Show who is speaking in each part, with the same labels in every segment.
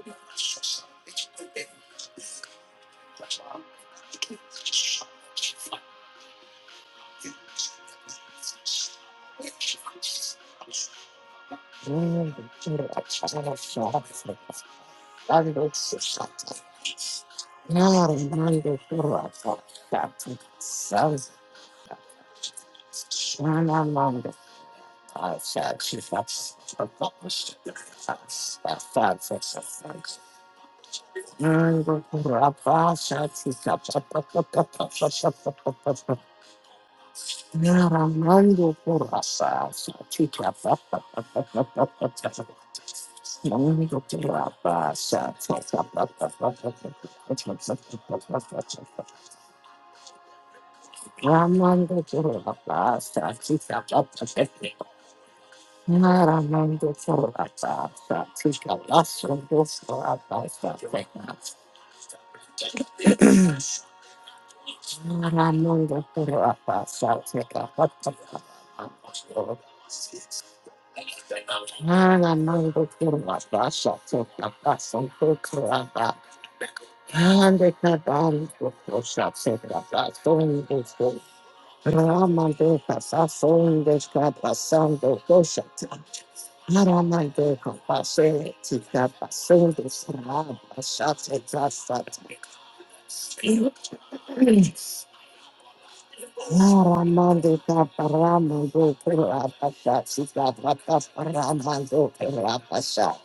Speaker 1: Shut Naramando Porasa, Chica, papa, papa, papa, papa. Namando Porasa, Ramando Porasa, Chica, papa, papa. Naramando Porasa, Chica, Lasando Porasa, Naramando Porasa, Chica, papa, papa. Ana mando por la casa, por la casa, por la casa. Ande cantando por cosa, por la casa, donde estoy. Rama de casa, donde está pasando cosa. Rama de casa, está pasando, rama, ya se está Ramando kasa son deska basan do kosha. Haramando kapase tika basan desu raba shatse kasa. Ramando kaparamando kurva basha tika basan Ramando kurva basha.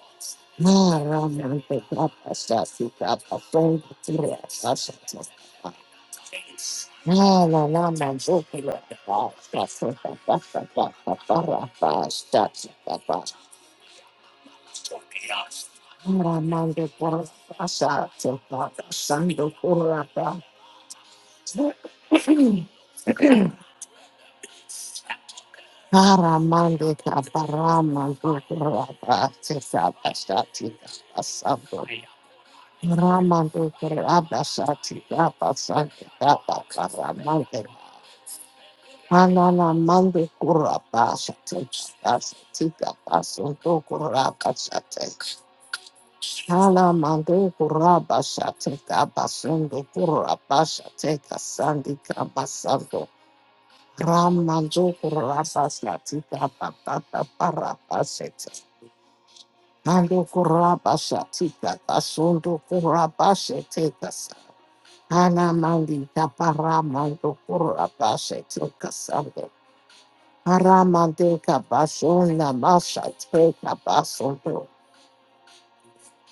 Speaker 1: Aramando caparama, gurapa, tesa, pasta, tita, asabo, Ramando Kurabasati Rabasati Rabakaramante Anana Mande Kurabasati Sati Rabasundo Kurabasati Alamande Kurabasati Rabasundo Kurabasati Kasandi Rabasando Ramando Kurabasati Rabakata Parabasati Mando Kurabasati Rabasundo Kurabasati Kasandi. Anamandi kaparamando kurabashe tukasando. Aramande kabashona masha te kabasondo.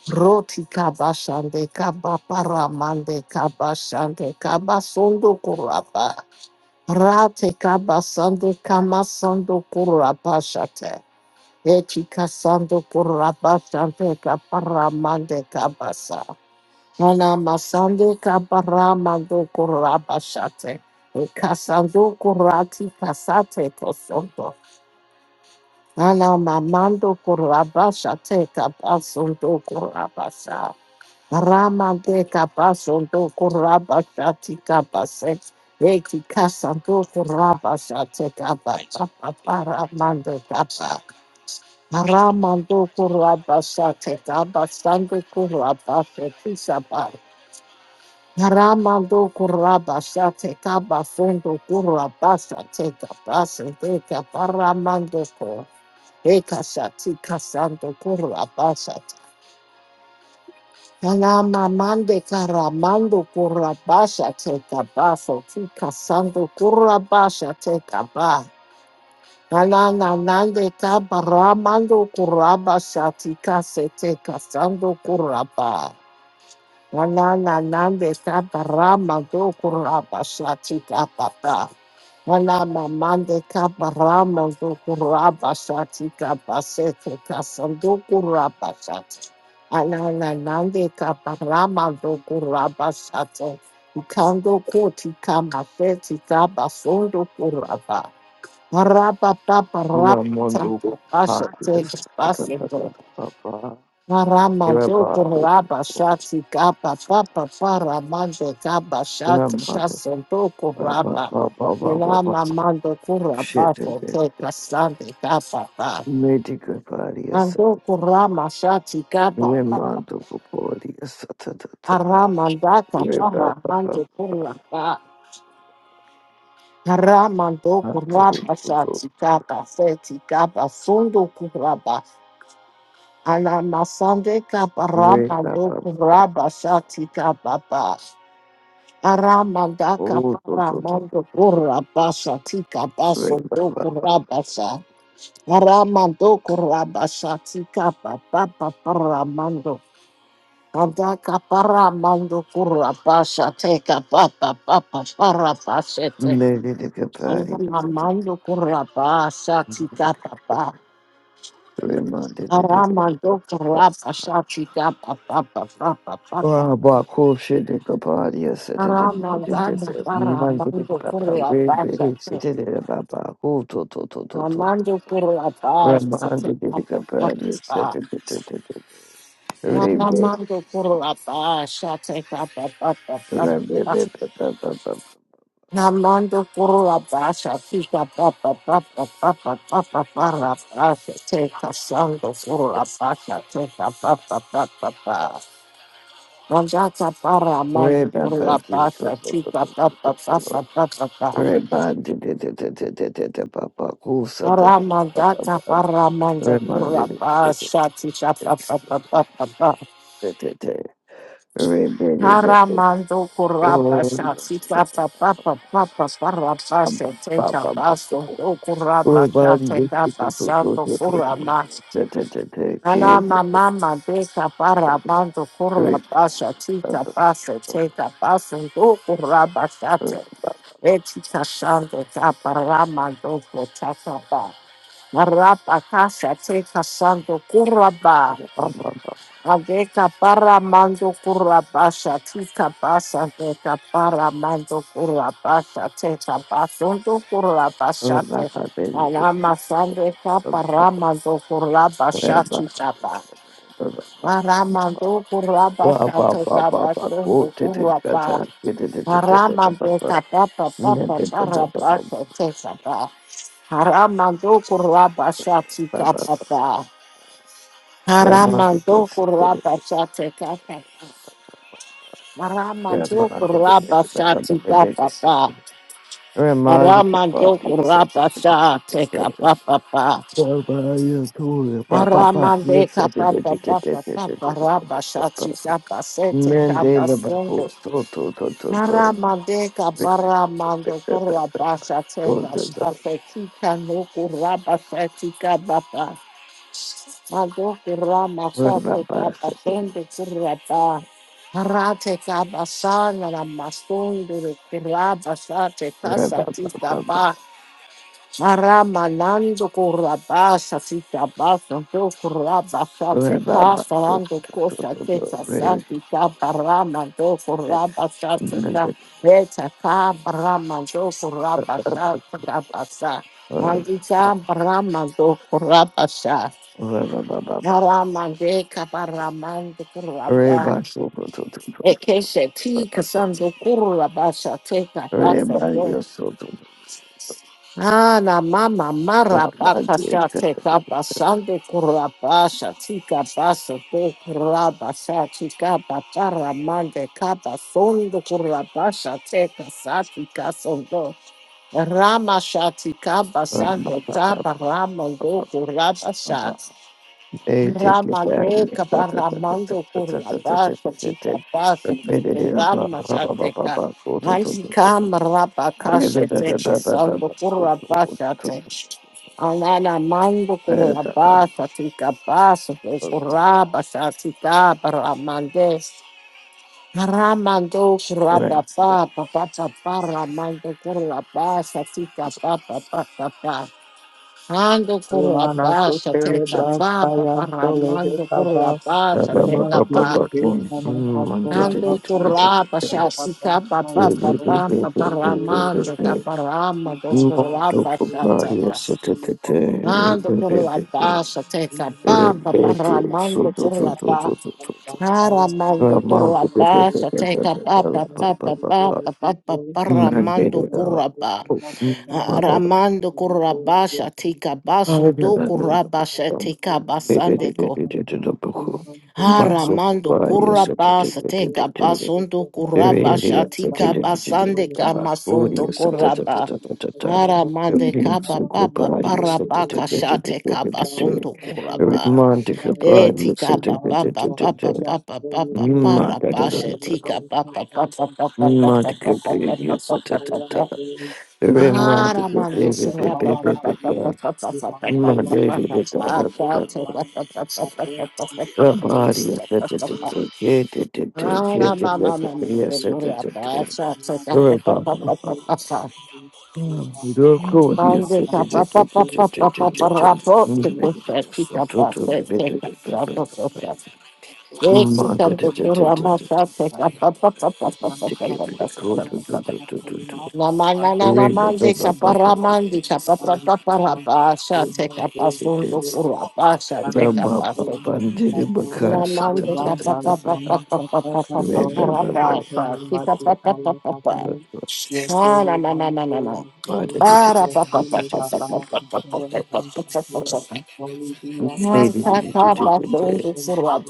Speaker 1: Roti kabashande kabaparamande kabashande kabasondo kuraba. Rate kabasando kamasando kurabashate. Eti kasando kurabashante kaparamande kabasa. Ana masando kabara mando kuraba shate. Kasando kurati kasate kosonto. Ana mamando kuraba shate kabasondo kuraba sa. Ramande kabasondo kuraba shati kabase. Eki kasando kuraba shate kabasa. Para mando kaba. Ramando kuraba shate kabasando kuraba shate Karamando kurabasha teka bafundo kurabasha teka basa teka paramando ko eka shati kasando kurabasha Kalama mande karamando kurabasha teka baso tika sando kurabasha teka ba Kalana nande kabaramando kurabasha tika se teka sando kuraba La la la la de caparama do curapa satica papa. La la mamá de caparama do curapa satica pasete casando curapa sat. La la la do curapa sat. Cando coti cama feti capa sondo curapa. Rapa papa rapa
Speaker 2: Lamondo
Speaker 1: tanto
Speaker 2: Parkes,
Speaker 1: pasete Paramajo
Speaker 2: Irabado,
Speaker 1: Kuraba Shati Kapa Papa Paramajo Kaba Shati
Speaker 2: Ramada,
Speaker 1: Shasanto Kuraba Ilama Mando Kuraba
Speaker 2: Shit, eh, eh.
Speaker 1: Kote Kasande Kapa Pa
Speaker 2: Medical Parias,
Speaker 1: Mando Kurama Shati Kapa Papa
Speaker 2: Lemando Podias,
Speaker 1: Aramandaka
Speaker 2: Rebaba,
Speaker 1: Paramando Kuraba Aramando
Speaker 2: Rebaba,
Speaker 1: Kuraba
Speaker 2: Odo,
Speaker 1: Shati Kapa Seti Kapa Sundo Kuraba Anamasande Kapa Ramando
Speaker 2: Rebaba,
Speaker 1: Kuraba Shati Kapa Pa Aramandaka paramondo kurabasa tika baso do kurabasa. Aramando kurabasa tika papa paramando. Andaka paramando kurabasa teka papa papa parabasete.
Speaker 2: Medical Parias,
Speaker 1: Aramando kurabasa tika papa. Aramando
Speaker 2: Remanded
Speaker 1: kurabasa tika papa papa papa.
Speaker 2: Ah, Baku shitted the body, I said it in
Speaker 1: Aramandana
Speaker 2: the reminded it
Speaker 1: paramando
Speaker 2: about very
Speaker 1: kurabasa
Speaker 2: big, said it about Baku, to to to to to.
Speaker 1: Ramando por la paz, ate
Speaker 2: Reminded it the
Speaker 1: papa
Speaker 2: body, I said
Speaker 1: papa.
Speaker 2: it to to to. Rebe,
Speaker 1: Ramando por la paz, ate papa papa papa.
Speaker 2: rebe,
Speaker 1: Ramando por la paz, ate papa papa papa papa para paz, ate casando por la paz, ate papa papa papa. Mandata para mando por la
Speaker 2: rebe, you
Speaker 1: paz,
Speaker 2: to
Speaker 1: ate
Speaker 2: to to to
Speaker 1: papa
Speaker 2: to
Speaker 1: papa
Speaker 2: to to.
Speaker 1: papa papa.
Speaker 2: Reminded it it it it it it about Baku, said that.
Speaker 1: Ramandata para mando por la
Speaker 2: Reminded it it it
Speaker 1: paz, ate papa papa papa.
Speaker 2: it it it. Rebe, rebe,
Speaker 1: Karamando
Speaker 2: oh.
Speaker 1: kurabasha, tita papa papa papa
Speaker 2: Everybody,
Speaker 1: teka baso, do kurabasha,
Speaker 2: if
Speaker 1: teka
Speaker 2: you could go to
Speaker 1: basando kurama.
Speaker 2: the
Speaker 1: Ana
Speaker 2: kid,
Speaker 1: mama mandeka para mando kurabasha, tita baso, teka baso, do kurabasha, te. Etita shando kapara mando kurabasha, marapa kasha, teka shando kuraba. Aveka para mando kura basha tika basha veka para mando kura basha teka basondo kura basha te alama sande para mando kura basha tika ba aramando kura basha teka basondo kura ba aramando kapa pa
Speaker 2: Remind
Speaker 1: para basha teka ba aramando kura basha tika ba aramando kura basha teka ba Ramando kuraba sa tika papa pa.
Speaker 2: the
Speaker 1: Ramando
Speaker 2: body
Speaker 1: kuraba sa tika
Speaker 2: of
Speaker 1: papa pa.
Speaker 2: Everybody, you're
Speaker 1: Ramande papa papa papa raba shati papa sete papa sundo. Ramande papa ramando kuraba sa tika papa tika kano kuraba sa tika papa. Mago kura masa teka pasende kura ta. Hara teka basa nara masunduru kura basa teka satita ba. Mara manando kura basa sita basa do kura basa teka falando kosa teka santita bara mando kura basa tika. Eta ka bara mando kura basa teka basa. Mandita bara mando kura basa. Karamande kaparamande kuraba. Ekeshe ti kasanzo kuraba shate kapasando.
Speaker 2: so
Speaker 1: Ana mama maraba kashate kapasando kuraba shati kapasando kuraba shati kaparamande kapasondo kuraba shate kasati kasondo. Rama shati kapasando tabaramando kuraba shati.
Speaker 2: Monto
Speaker 1: Ramade Kabaramando Kurabasa Chica Basa Kurama Sateka Manjikam Rabakasha Techa Sango Kurabasa Tech Alana Mando Kurabasa Tika Basa Kurabasa Tika Baramande Ramando Kurabasa Papa Paramando Kurabasa Tika Papa Papa papa. Ando por la
Speaker 3: Ilana
Speaker 1: paz,
Speaker 3: Sotelo
Speaker 1: acerca pa,
Speaker 3: Branskaya Sole de
Speaker 1: paparramando por la
Speaker 3: Kaba,
Speaker 1: paz, acerca
Speaker 3: Iman
Speaker 1: pa.
Speaker 3: Dule de Sama Satola
Speaker 1: Ando
Speaker 3: Kaba,
Speaker 1: por la paz,
Speaker 3: Santa
Speaker 1: así capa, pa,
Speaker 3: Branskaya
Speaker 1: pa, pa,
Speaker 3: Sole de
Speaker 1: paparramando,
Speaker 3: in
Speaker 1: caparramando por
Speaker 3: the
Speaker 1: la paz, acerca. Ando por la paz, acerca pa, paparramando por la paz. Aramando por la paz, acerca
Speaker 2: Mandic
Speaker 1: pa, pa, pa, pa, pa, pa, pa, paparramando por la paz. Ramando Kurabasha Tika Basundo Kurabasha Tika Basandeko.
Speaker 3: Thank you. Thank
Speaker 1: Haramando Kurabasa Tika Basundo Kurabasha Tika Basandeka Masundo Kuraba. Haramande Kaba Papa Parabaka Shate Kaba Sundo Kuraba. E Tika Papa Papa Papa Papa Papa Parabasha Tika Papa Papa Papa Papa
Speaker 2: Madhya
Speaker 1: Papa
Speaker 2: baby, da
Speaker 1: Papa
Speaker 2: da
Speaker 1: Papa
Speaker 2: da.
Speaker 1: Ah,
Speaker 2: Re Madhya Pradesh, da da da da da. Madhya body, da ta ta ta
Speaker 3: you. Thank
Speaker 2: Rabariya, da da da da. Ye da da ta Ye ta ta. da. Ye da da da da. Rababa. Doko, ye ta ta ta ta ta ta ta. da da da. Madhya, so to to baby, da da da da da. ta ta ta ta ta ta ta. da. To keep it, go to to to to to.
Speaker 1: La mana na na
Speaker 2: Maybe
Speaker 1: mande kapara mande kapapa kapara pasha take up a sundo
Speaker 3: you.
Speaker 1: kura pasha
Speaker 3: Thank
Speaker 1: take up a so. La mande kapapa papa papa papa kapara pasha take up papa papa papa. Ah na na na na na na. Para pa pa pa pa pa pa pa pa pa pa pa pa pa pa pa pa. Na ka ka pa sundo kura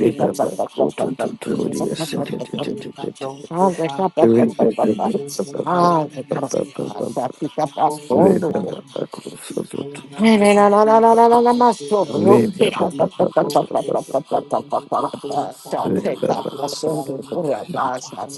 Speaker 1: take up a pa pa pa pa pa pa pa pa pa pa.
Speaker 3: you. May humble by thee, we make it a day. We can go to the throne of the Lord
Speaker 2: Remarkable,
Speaker 3: God. We grow better than the Father.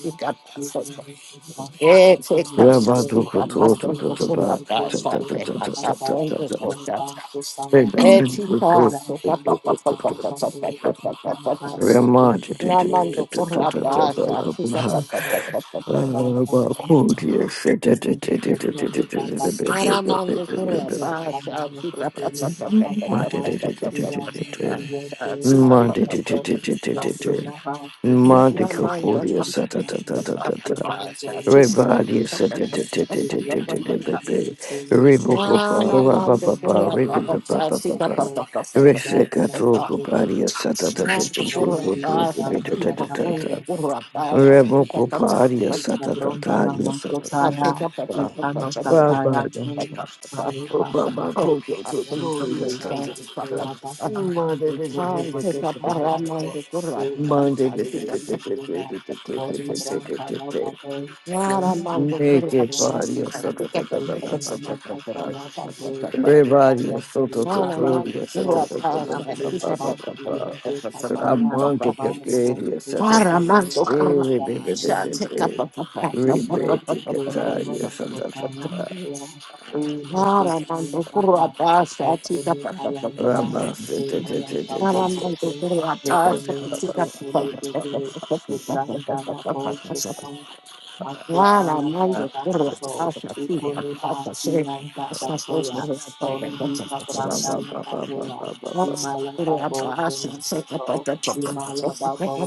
Speaker 3: We can make it a sacrifice of the day. May we make it a little bit of that. May God so follow us with that we so follow us with. That God so follow us with.
Speaker 1: Namando por la
Speaker 3: That we make it a sacrifice. May God
Speaker 1: casa,
Speaker 3: follow us with that. Your children are
Speaker 1: Paramount
Speaker 3: back
Speaker 1: Korea
Speaker 3: Yes, I'm a
Speaker 1: Basha
Speaker 3: Muslim,
Speaker 1: Kita
Speaker 3: I'm a
Speaker 1: Paramount
Speaker 3: Catholic, I'm a Muslim, I'm a Catholic. Long to the Sicily, no Papato, Ivan, Yoke, Pamato, Yonke, Lava, Sicily, and Sicily, Papato, Ivan, Golden, and
Speaker 2: Everybody
Speaker 3: Sicily,
Speaker 2: Rebadi
Speaker 3: Equipment, Papato, Golden, Sicily, Ivan,
Speaker 1: Kura
Speaker 3: Sicily, Papato, Ivan, Sicily, Sicily, Volume, Papato, Papato, Papato,
Speaker 1: Basha Kita
Speaker 3: Cabron, Dalamo,
Speaker 1: I'll take
Speaker 3: Sataya,
Speaker 1: up that.
Speaker 3: Ucano, Sataya, Maluta, Thank
Speaker 1: I'll take up Ramon de Gurat. I'll take up Ramon de Gurat. I'll
Speaker 2: Monday,
Speaker 1: take up
Speaker 2: Monday,
Speaker 1: Ramon de Gurat. I'll take up
Speaker 2: Naked
Speaker 1: Ramon de Gurat.
Speaker 2: body of
Speaker 1: I'll
Speaker 2: Santa
Speaker 1: take
Speaker 2: Everybody of Soto Totoria Santa Ramante Caparia Santa
Speaker 1: up
Speaker 2: Rebeti
Speaker 1: up up up up up up up
Speaker 2: Cataria Santa
Speaker 1: up up up Ramando Kurva,
Speaker 3: you. Hallelujah.
Speaker 2: Rabasete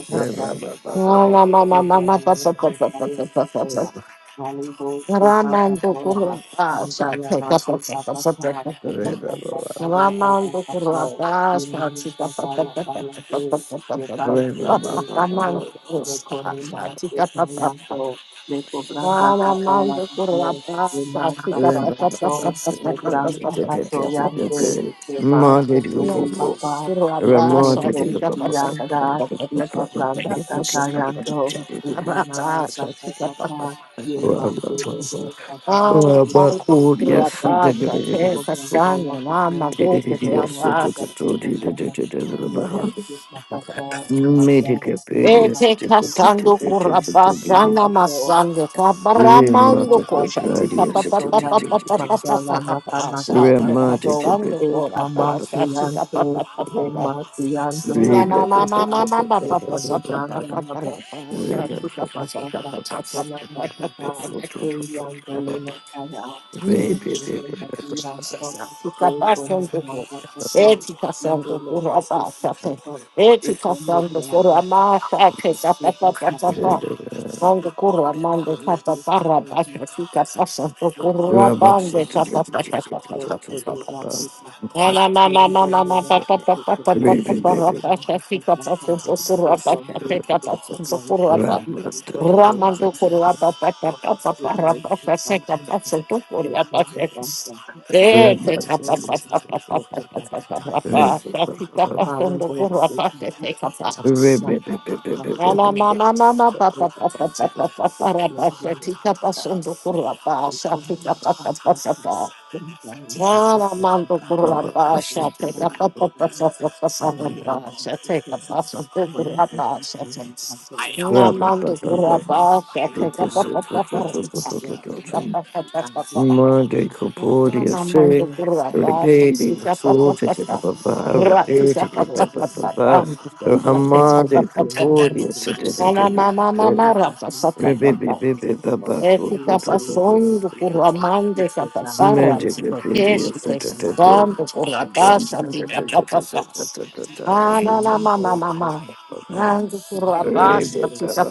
Speaker 2: Medical
Speaker 1: take up a
Speaker 3: Le cobranda
Speaker 1: Ramando Kurabas, Tika Papa Papa Papa Papa Papa Ramando Kurabas, Tika Papa Papa
Speaker 3: capella
Speaker 1: Ramando
Speaker 3: de le
Speaker 1: Kurabas,
Speaker 3: masa
Speaker 1: Tika Papa Papa
Speaker 3: sacato,
Speaker 1: Papa
Speaker 3: le
Speaker 1: Papa
Speaker 3: branda
Speaker 1: Papa Papa
Speaker 3: catoyante, le masa que le
Speaker 1: Ramando Kurabas,
Speaker 3: papá, un delego
Speaker 1: Tika Papa Papa Papa Papa
Speaker 3: sianta, y
Speaker 1: Papa Papa
Speaker 3: cabranda catayando, y canama
Speaker 1: Tika Papa
Speaker 3: sacatapa, y un
Speaker 1: Papa
Speaker 3: man delego capaz,
Speaker 1: Ara Pando
Speaker 3: y
Speaker 1: Kurabas, Tika Sana Ramando Kurabas,
Speaker 2: periods,
Speaker 1: Ete kasando kurapa sana masando
Speaker 3: Thank
Speaker 1: kabaramando
Speaker 2: Remata
Speaker 1: kosha tika
Speaker 2: Capradia
Speaker 1: pa pa pa pa pa pa
Speaker 2: Sitititit
Speaker 1: pa pa pa pa pa sa te
Speaker 2: Remata
Speaker 1: kasando kurapa sa tika pa pa pa pa pa na na na na na na pa pa pa pa pa pa pa pa ra pa sa tika pa sa pa pa pa pa pa pa pa pa pa pa pa Mande
Speaker 3: you
Speaker 1: kurra, mande
Speaker 3: that we
Speaker 1: kata
Speaker 3: see
Speaker 1: parra,
Speaker 3: customer who
Speaker 1: basta sika pasa to
Speaker 3: work for
Speaker 1: kurra,
Speaker 3: help and not
Speaker 1: bande
Speaker 3: from
Speaker 1: kata
Speaker 3: customers,
Speaker 1: pata pata
Speaker 3: works
Speaker 1: pata
Speaker 3: for your
Speaker 1: pata.
Speaker 3: last three customers,
Speaker 1: Mama mama
Speaker 3: work
Speaker 1: mama
Speaker 3: for your
Speaker 1: mama
Speaker 3: life
Speaker 1: pata
Speaker 3: is
Speaker 1: pata
Speaker 3: possible. So we go
Speaker 1: pata pata
Speaker 3: in the life You
Speaker 1: parra,
Speaker 2: Rabbit,
Speaker 3: will not
Speaker 1: basta
Speaker 3: want some
Speaker 1: sika pasa
Speaker 3: time.
Speaker 1: to
Speaker 3: So
Speaker 1: kurra,
Speaker 3: from
Speaker 1: basta
Speaker 3: the
Speaker 1: sika
Speaker 3: this
Speaker 1: pasa to
Speaker 3: technology,
Speaker 1: kurra, basta.
Speaker 3: you can go to not
Speaker 1: Ramando
Speaker 3: be
Speaker 1: kurwa
Speaker 3: something
Speaker 1: pa pa pa
Speaker 3: of
Speaker 1: pa pa
Speaker 3: your
Speaker 1: pa ra
Speaker 3: life
Speaker 1: pa
Speaker 3: is
Speaker 1: pa se
Speaker 3: not
Speaker 1: ka pa se
Speaker 3: possible.
Speaker 1: tu
Speaker 3: You
Speaker 1: kurwa
Speaker 3: for
Speaker 1: pa
Speaker 3: your
Speaker 1: se
Speaker 3: life and control.
Speaker 1: Eh, se
Speaker 3: You
Speaker 1: ka
Speaker 3: go
Speaker 1: pa
Speaker 3: in the
Speaker 1: pa pa
Speaker 3: life
Speaker 1: pa
Speaker 3: is
Speaker 1: pa pa pa pa pa ra pa sa si ka
Speaker 3: Mali will be connected. Not that what I'm saying. Thank
Speaker 1: si sa si Ramanda
Speaker 2: Monday, Capodia say, Rebelli, Sultan,
Speaker 3: you.
Speaker 2: Baba, Rebelli,
Speaker 3: Lord,
Speaker 2: Baba,
Speaker 3: thank you. I
Speaker 2: Baba,
Speaker 3: want to be platform.
Speaker 2: Ramade,
Speaker 3: We are not
Speaker 2: Capodia,
Speaker 3: going
Speaker 2: said,
Speaker 3: to a We have a
Speaker 2: Rebelli, Baba,
Speaker 3: platform. We
Speaker 1: Esse
Speaker 3: are going to have a
Speaker 1: capaçondo por
Speaker 3: platform. We
Speaker 1: amante
Speaker 3: are
Speaker 1: capapara,
Speaker 2: Magic,
Speaker 1: porque
Speaker 2: Wikipedia, Center,
Speaker 1: capaçondo por la passa,
Speaker 3: We
Speaker 1: fica
Speaker 3: have a
Speaker 1: papapá.
Speaker 3: platform.
Speaker 1: Ah,
Speaker 3: We are going to have a platform.
Speaker 1: na na mamá,
Speaker 3: the
Speaker 1: mamá.
Speaker 3: people who are
Speaker 1: Nando por
Speaker 3: going
Speaker 1: la
Speaker 3: to
Speaker 1: passa, fica
Speaker 3: have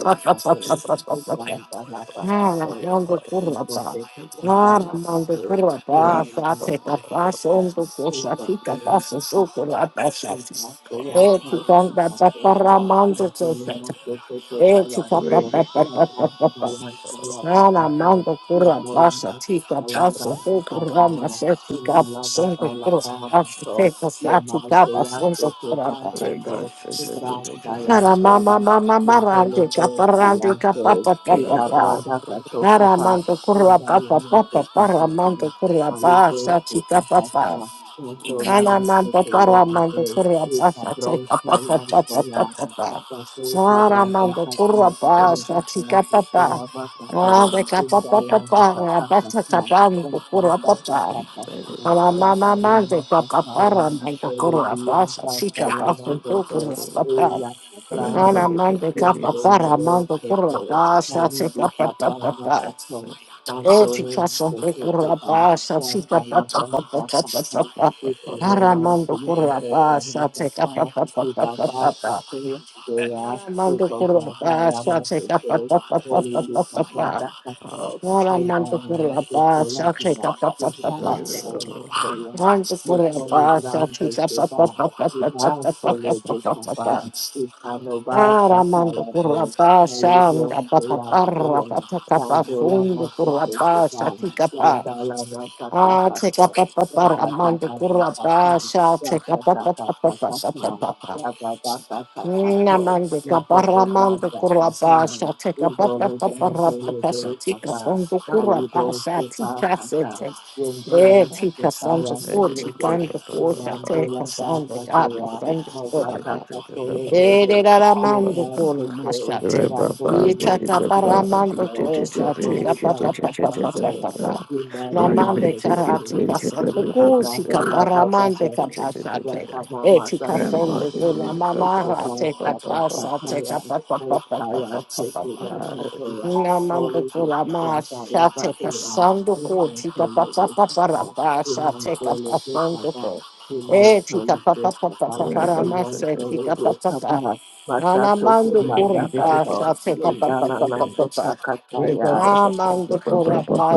Speaker 3: We have a platform.
Speaker 1: Naramango
Speaker 3: And so,
Speaker 1: Kurapa.
Speaker 3: they can bring down our
Speaker 1: Naramango
Speaker 3: platform. We
Speaker 1: Kurapa. Sate Kapas on the Koshaki Kapas and Sokurapa
Speaker 3: Thank
Speaker 1: Shati.
Speaker 3: you.
Speaker 1: Eti Kanga Paparamango Sosat. Eti Papa Papa Papa Papa. Naramango Kurapa Shati Kapas and Sokurama Shati Kapas on the Kurapa Shati Kapas on the Kurapa. Mara mama mama marande caparande capapa papa. Mara mando curva papa papa para mando curva basa chica papa. Mara mando para mando curva basa
Speaker 3: Upadros
Speaker 1: chica papa papa
Speaker 3: Nayanasoya,
Speaker 1: papa.
Speaker 3: Usasu
Speaker 1: Mara
Speaker 3: Padra
Speaker 1: mando curva
Speaker 3: Bakato,
Speaker 1: basa
Speaker 3: Ubasana
Speaker 1: chica papa.
Speaker 3: Satoya
Speaker 1: Mara
Speaker 3: Bakato,
Speaker 1: de capa papa
Speaker 3: Indayana
Speaker 1: para
Speaker 3: Sakata
Speaker 1: basa
Speaker 3: Sna,
Speaker 1: capa mando
Speaker 3: Rakna
Speaker 1: curva
Speaker 3: Sakata
Speaker 1: papa.
Speaker 3: Sakata,
Speaker 1: Mara mama
Speaker 3: Yakala
Speaker 1: mando
Speaker 3: Masa
Speaker 1: capa
Speaker 3: Sala,
Speaker 1: para mando curva
Speaker 3: Eludia
Speaker 1: basa chica
Speaker 3: Dasala
Speaker 1: papa curva
Speaker 3: Masato,
Speaker 1: papa.
Speaker 3: Uya
Speaker 1: Ana
Speaker 3: Sabrando,
Speaker 1: mando capa
Speaker 3: Yendo
Speaker 1: para
Speaker 3: Miho
Speaker 1: mando curva
Speaker 3: Sato,
Speaker 2: Remember,
Speaker 1: passa, se
Speaker 3: Moliki
Speaker 1: capa tapa
Speaker 3: Sabranda
Speaker 1: pa.
Speaker 3: Sato,
Speaker 1: E ti
Speaker 3: Pantone
Speaker 1: cassa de
Speaker 3: Masato
Speaker 1: curva
Speaker 3: Kita,
Speaker 1: passa, se capa
Speaker 3: Yandala
Speaker 1: tapa
Speaker 3: Branda
Speaker 1: tapa
Speaker 3: Sato,
Speaker 1: tapa pa.
Speaker 3: with our name
Speaker 1: Ara
Speaker 3: on
Speaker 1: mando
Speaker 3: feet and
Speaker 1: curva
Speaker 3: both our
Speaker 1: passa,
Speaker 3: and
Speaker 1: se capa
Speaker 3: fire,
Speaker 1: tapa
Speaker 3: with our
Speaker 1: tapa
Speaker 3: fire
Speaker 1: tapa.
Speaker 3: factory, they are,
Speaker 1: Ara
Speaker 3: with
Speaker 1: mando
Speaker 3: of
Speaker 1: curva
Speaker 3: our ground, I am
Speaker 1: passa,
Speaker 3: our
Speaker 1: se capa
Speaker 3: sisters,
Speaker 1: tapa
Speaker 3: holy
Speaker 1: tapa
Speaker 3: with my
Speaker 1: tapa
Speaker 3: grand
Speaker 1: pa.
Speaker 3: ancestors,
Speaker 1: Ara
Speaker 3: and by
Speaker 1: mando
Speaker 3: our
Speaker 1: curva
Speaker 3: to
Speaker 1: passa,
Speaker 3: Toya, the
Speaker 1: se
Speaker 3: Lord,
Speaker 1: capa
Speaker 3: the
Speaker 1: tapa
Speaker 3: ground,
Speaker 1: pa.
Speaker 3: the Lord, the Lord,
Speaker 1: Mando
Speaker 3: most
Speaker 1: curva
Speaker 3: holy
Speaker 1: passa,
Speaker 3: ground,
Speaker 1: se
Speaker 3: the
Speaker 1: capa
Speaker 3: Seva,
Speaker 1: tapa
Speaker 3: the
Speaker 1: tapa
Speaker 3: ground, the
Speaker 1: tapa
Speaker 3: Lord, the
Speaker 1: tapa tapa
Speaker 3: Seva,
Speaker 1: pa.
Speaker 3: with Hanova,
Speaker 1: Aramando
Speaker 3: Sataya, the
Speaker 1: currapa,
Speaker 3: Holy Ghost,
Speaker 1: sanga,
Speaker 3: the Lord, the
Speaker 1: papaparra,
Speaker 3: Lord,
Speaker 1: patacapa,
Speaker 3: Yandola,
Speaker 1: fundo,
Speaker 3: the
Speaker 1: currapa,
Speaker 3: Lord,
Speaker 1: saticapa.
Speaker 3: Yandala, my
Speaker 1: Ah, teca
Speaker 3: Yes,
Speaker 1: papapara, mando currapa, sa, teca papapapapapapapa. Namande caparra, mando currapa, sa, teca papaparra, patasa, tica, fundo, currapa, sa, tica, sete. Eh, tica, santo, curti, canto, curta, teca, santo, gaba, santo, currapa. Ereramando con machate. Y chataparamando con esa tica pa pa pa pa pa pa pa pa.
Speaker 2: Remote,
Speaker 1: Namande karatika santo
Speaker 3: Thank
Speaker 1: kusika paramande kapasate. Etika santo kuna mamarate kapasate pa pa pa pa pa pa pa pa. Namando kula ma shall take a sando ko tika pa pa pa pa ra pa shall take up a pa sando ko eh tika pa pa pa tika pa Anamando kura shall take up a pa pa pa pa
Speaker 3: you.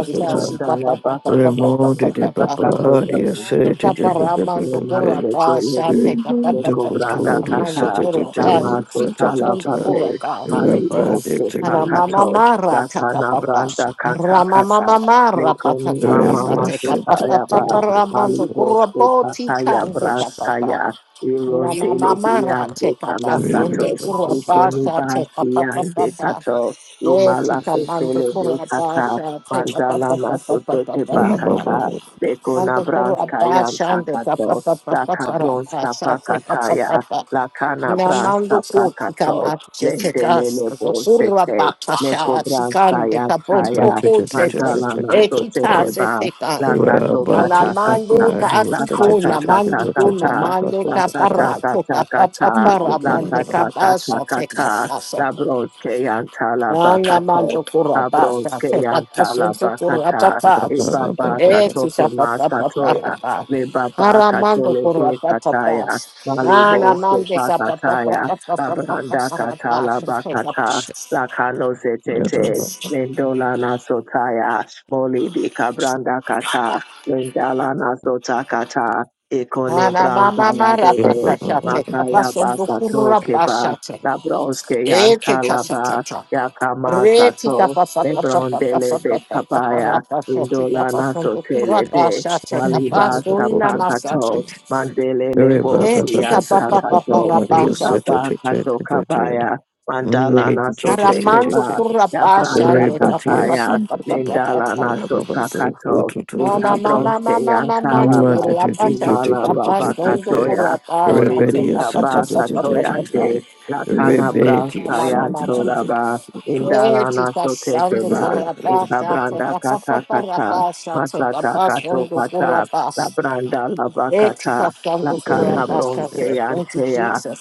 Speaker 1: shall
Speaker 3: Ibranda
Speaker 1: tika pa
Speaker 3: la
Speaker 1: pa pa
Speaker 3: baka
Speaker 1: pa pa
Speaker 3: sote,
Speaker 1: pa
Speaker 3: baka sote la
Speaker 1: Tika pa
Speaker 3: makati,
Speaker 1: ramando
Speaker 3: lema sote
Speaker 1: shall
Speaker 3: lebe,
Speaker 1: take up a pa
Speaker 3: leko
Speaker 1: pa
Speaker 3: branda
Speaker 1: ramando
Speaker 3: kata,
Speaker 1: kura
Speaker 3: lama sote
Speaker 1: tika
Speaker 3: la
Speaker 1: sando
Speaker 3: pape,
Speaker 1: kura
Speaker 3: malibo ske pakato,
Speaker 1: Alamamamara
Speaker 3: la pana
Speaker 1: katapapa.
Speaker 3: branda kata kata,
Speaker 1: Ramamamamara
Speaker 3: leko ni mama
Speaker 1: patatapasa
Speaker 3: masota ya ba,
Speaker 1: tekapapapa ramando
Speaker 3: malibo ske
Speaker 1: kuraboti
Speaker 3: pata ya
Speaker 1: kante
Speaker 3: brasta
Speaker 1: kapapa.
Speaker 3: ya, ironde le
Speaker 1: Namamamara
Speaker 3: biyande sana
Speaker 1: tekapasonde
Speaker 3: sato, ikoni
Speaker 1: kurabasa
Speaker 3: basi yande
Speaker 1: tekapapapapa.
Speaker 3: kato,
Speaker 1: Eti
Speaker 3: imala sote
Speaker 1: kamando
Speaker 3: lebe kata,
Speaker 1: kurabasa
Speaker 3: Bandala Masoteke
Speaker 1: tekapapapapapapapa.
Speaker 3: Bakata, Bekona
Speaker 1: Ando por la
Speaker 3: Branska Yam
Speaker 1: paz, ando, pa, pa,
Speaker 3: Takato,
Speaker 1: pa, pa, pa,
Speaker 3: Laka
Speaker 1: para
Speaker 3: Bronska
Speaker 1: paz, ando, pa, pa, pa,
Speaker 3: Pakataya,
Speaker 1: pa.
Speaker 3: Lakana Branska
Speaker 1: Namando kutika
Speaker 3: Pakato,
Speaker 1: mache
Speaker 3: Lendele
Speaker 1: tegas,
Speaker 3: Lebo
Speaker 1: zokurra
Speaker 3: Sete,
Speaker 1: baka
Speaker 3: Neko
Speaker 1: sha,
Speaker 3: Branska
Speaker 1: sikande kaboto
Speaker 3: Yataya,
Speaker 1: kosete,
Speaker 3: Bandala
Speaker 1: ekita
Speaker 3: Masoteke
Speaker 1: se
Speaker 3: Ba,
Speaker 1: teka.
Speaker 3: Lakato Katakata,
Speaker 1: Alamande ka atikuna, mandi kuna,
Speaker 3: Lakatakatakata,
Speaker 1: mande ka para, teka pa pa
Speaker 3: Lakatakatakata,
Speaker 1: para, mande ka
Speaker 2: Thank
Speaker 1: basa
Speaker 3: Lakatakatakata,
Speaker 1: teka
Speaker 3: Labroske Yantala Bakato,
Speaker 1: Anamando Kurabasa,
Speaker 3: Abroske Yantala
Speaker 1: Tekatasento
Speaker 3: Bakata,
Speaker 1: Kurabapas,
Speaker 3: Ibaba Katoku Masatoya,
Speaker 1: Etisapapaparabas,
Speaker 3: Nebaba
Speaker 1: Aramando
Speaker 3: Katole Be Kataya,
Speaker 1: Kurabapas,
Speaker 3: Malibo Se
Speaker 1: Anamande
Speaker 3: Pakataya, Abranda
Speaker 1: Kapapapapapapapapas,
Speaker 3: Katala Bakata,
Speaker 1: Tekapas,
Speaker 3: Lakano Zetete, Nendola Nasotaya, Molibi Kabranda Kata, Nendala Nasota Kata, Ikone
Speaker 1: Anamama
Speaker 3: Branda La Bebe,
Speaker 1: Marapatata,
Speaker 3: Makaya
Speaker 1: Tekapasendo
Speaker 3: Basato
Speaker 1: Kurabasa,
Speaker 3: Keba, Labroske Yantala Ba,
Speaker 1: Etikasatata.
Speaker 3: Yakama
Speaker 1: Reti
Speaker 3: Sato,
Speaker 1: tapa pa pa pa pa pa
Speaker 3: Lebrondele
Speaker 1: pa pa
Speaker 3: de
Speaker 1: pa pa pa
Speaker 3: kabaya,
Speaker 1: ra pa so ti
Speaker 3: Indola
Speaker 1: tapa so do kura
Speaker 3: Nasotele
Speaker 1: pa
Speaker 3: de
Speaker 1: sha te tapa
Speaker 3: Nalibas
Speaker 1: so ina
Speaker 3: Tapakato, Mandele
Speaker 1: Hedika
Speaker 3: Lebosia
Speaker 1: papa papa
Speaker 3: Takato,
Speaker 1: rabasha.
Speaker 3: Ibaba Kato Kabaya, Mandala Nasote
Speaker 1: Karamando
Speaker 3: Kweba,
Speaker 2: you.
Speaker 1: kurabasha
Speaker 3: Yabranda
Speaker 1: ndo papa
Speaker 2: Rebellious,
Speaker 3: Tataya,
Speaker 1: papa papa
Speaker 3: Lindala
Speaker 1: papa.
Speaker 3: Nasotakato,
Speaker 1: Ona mama
Speaker 3: Itabronske
Speaker 1: mama mama ndo
Speaker 3: Yantalaba,
Speaker 1: kurabasha
Speaker 3: Imala
Speaker 1: tika
Speaker 3: Baba
Speaker 1: pasta ndo
Speaker 3: Katoya,
Speaker 1: kurabasha
Speaker 3: Holy
Speaker 1: tika
Speaker 3: Bita
Speaker 1: papa
Speaker 3: Ba
Speaker 1: papa
Speaker 3: Katoya
Speaker 1: papa.
Speaker 3: De,
Speaker 1: Ona
Speaker 3: Lakana Braska
Speaker 1: mama mama mama.
Speaker 3: Yantolaba,
Speaker 1: Eh,
Speaker 3: Indalana
Speaker 1: tika sando
Speaker 3: Sotekeba,
Speaker 1: kurabasha
Speaker 3: Itabranda
Speaker 1: tika papa
Speaker 3: Kata
Speaker 1: papa
Speaker 3: Kata,
Speaker 1: rabasha tika
Speaker 3: Masata
Speaker 1: pasta
Speaker 3: Kato
Speaker 1: ndo
Speaker 3: Pata,
Speaker 1: kurabasha.
Speaker 3: Labranda
Speaker 1: Thank you,
Speaker 3: Labakata,
Speaker 1: Pastor, Dr.
Speaker 3: Lakana
Speaker 1: Rabasa.
Speaker 3: Bronske
Speaker 1: Thank you,
Speaker 3: Antea,
Speaker 1: Jesus.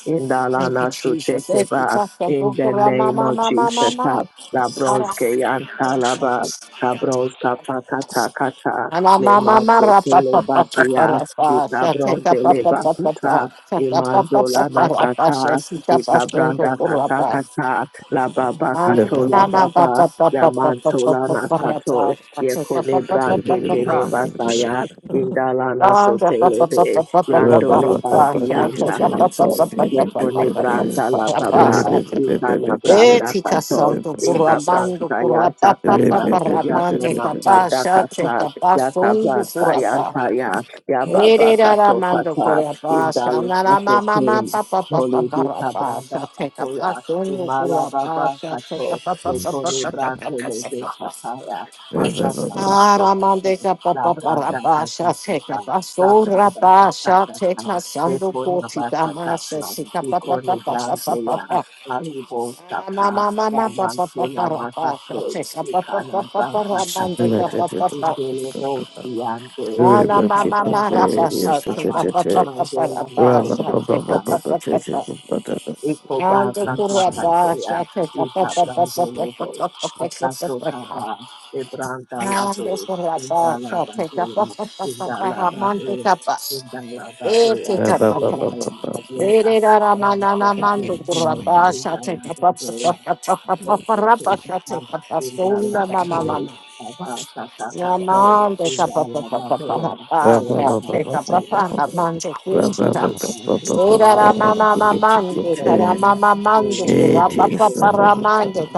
Speaker 1: Thank you,
Speaker 3: Indalana
Speaker 1: Jesus. Thank you,
Speaker 3: Sotekeba,
Speaker 1: Pastor,
Speaker 3: in
Speaker 1: Dr.
Speaker 3: the
Speaker 1: mama,
Speaker 3: name of
Speaker 1: Mama, Mama,
Speaker 3: Jesus,
Speaker 1: Mama.
Speaker 3: Labronske Antalaba, Cabronska Pakata Kata,
Speaker 1: Mama, Mama,
Speaker 3: Lemase
Speaker 1: Mama, Papa, Papa,
Speaker 3: Telebasia,
Speaker 1: Papa, Papa, Tata,
Speaker 3: Itabron de
Speaker 1: Papa, Papa, Papa,
Speaker 3: Lebakuta,
Speaker 1: Tata, Papa,
Speaker 3: Imandola
Speaker 1: Papa, Papa,
Speaker 3: Nasata,
Speaker 1: Sita, Pastor,
Speaker 3: Itabranda
Speaker 1: Dr.
Speaker 3: Kata
Speaker 1: Rabasa.
Speaker 3: Kata, La Baba
Speaker 1: Mama,
Speaker 3: Katola
Speaker 1: Mama,
Speaker 3: Baba
Speaker 1: Papa, Papa, Papa,
Speaker 3: Yamantola
Speaker 1: Papa, Papa,
Speaker 3: Nasato
Speaker 1: Tata,
Speaker 3: Yekone
Speaker 1: Papa, Papa,
Speaker 3: Brande Tene
Speaker 1: Papa,
Speaker 3: Basaya Indalana
Speaker 1: Etica
Speaker 3: Sotelebe Randole Basianda Kato Yekone Branda La Baba Ikana Branda Kato
Speaker 1: santo
Speaker 3: Ita
Speaker 1: curabando
Speaker 3: Branda
Speaker 1: curapa
Speaker 3: Yanta
Speaker 1: papa
Speaker 3: Kata
Speaker 1: paramande
Speaker 3: Yatana
Speaker 1: papa
Speaker 3: Branda
Speaker 1: shate
Speaker 3: Kata
Speaker 1: capa
Speaker 3: Yata
Speaker 1: sondo
Speaker 3: Branda
Speaker 1: curapa
Speaker 3: Yanta Ya ya. baba
Speaker 1: erera
Speaker 3: Kato
Speaker 1: ramando
Speaker 3: Kata
Speaker 1: curapa
Speaker 3: Indalana
Speaker 1: sanara mama mama
Speaker 3: Sotelebe
Speaker 1: papa papa
Speaker 3: Holy Bika
Speaker 1: parapa
Speaker 3: Branda
Speaker 1: shate
Speaker 3: Katoya
Speaker 1: capa sondo curapa
Speaker 3: Imalababa
Speaker 1: shate
Speaker 3: kato
Speaker 1: capa papa
Speaker 3: lepone
Speaker 1: papa
Speaker 3: brante lebe
Speaker 1: papa
Speaker 3: kataya masaka kato kato
Speaker 1: Haramandeka
Speaker 3: la
Speaker 1: papa
Speaker 3: branda
Speaker 1: parabasha
Speaker 3: kato
Speaker 1: teka
Speaker 3: kato la
Speaker 1: basura
Speaker 3: branda
Speaker 1: basha
Speaker 3: kato
Speaker 1: teka
Speaker 3: kato
Speaker 1: sandu
Speaker 3: lepone
Speaker 1: koti
Speaker 3: basa
Speaker 1: damasa
Speaker 3: kato
Speaker 1: sika papa
Speaker 3: ikone
Speaker 1: papa
Speaker 3: brante
Speaker 1: papa
Speaker 3: ya
Speaker 1: papa.
Speaker 3: aribo sapa
Speaker 1: Mama
Speaker 3: la
Speaker 1: mama papa
Speaker 3: manto
Speaker 1: papa
Speaker 3: la
Speaker 1: parabasha
Speaker 3: masake
Speaker 1: teka papa
Speaker 3: ikana
Speaker 1: papa
Speaker 3: branda kato
Speaker 1: paramandeka
Speaker 3: ya
Speaker 1: papa papa.
Speaker 3: indele bo siyande
Speaker 1: Ana
Speaker 3: ika
Speaker 1: mama mara
Speaker 3: kato
Speaker 1: basha teka
Speaker 3: kato
Speaker 1: papa papa
Speaker 3: mandola
Speaker 1: parabasha teka
Speaker 3: maso
Speaker 1: papa papa.
Speaker 3: Ekoba
Speaker 1: Andu kurabasha
Speaker 3: Tasnakatoya,
Speaker 1: teka papa papa papa
Speaker 3: Intabrandonovo,
Speaker 1: papa papa
Speaker 3: Atasokaba,
Speaker 1: papa. Mande,
Speaker 3: Ebrandalado, Indalabadoya, Indalabadoya, Indalabadoya, Indalabadoya, and the Christian
Speaker 4: Shut
Speaker 3: of Indalabadoya, and also Tekita,
Speaker 4: the
Speaker 3: Indalabadoya, Abasatakato, Indalabadoya, Holy Ghost, I am Yes, Holy Brand, is Thank
Speaker 2: It is the word of God.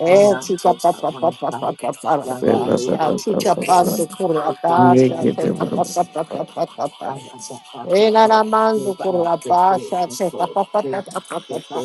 Speaker 1: Eh,
Speaker 2: Mm.
Speaker 1: chica, pa, pa, pa, pa, pa, pa, pa, ra,
Speaker 2: Ba-
Speaker 1: pa,
Speaker 2: ba- ba-
Speaker 1: sta,
Speaker 2: ba- ba-
Speaker 1: chica,
Speaker 2: ba- ba.
Speaker 1: pando, curra, pa,
Speaker 2: Make
Speaker 1: sta,
Speaker 2: it the
Speaker 1: chica,
Speaker 2: word
Speaker 1: pa,
Speaker 3: you
Speaker 1: pa, pa,
Speaker 2: of
Speaker 1: pa,
Speaker 2: God.
Speaker 1: pa, pa, pa.
Speaker 3: and at that part
Speaker 1: Eh,
Speaker 3: of
Speaker 1: na, na,
Speaker 3: all, Move
Speaker 1: mando,
Speaker 3: out,
Speaker 1: curra,
Speaker 3: Thank
Speaker 1: pa,
Speaker 3: you.
Speaker 1: sta, chica, pa, pa, pa, pa, pa, pa, pa.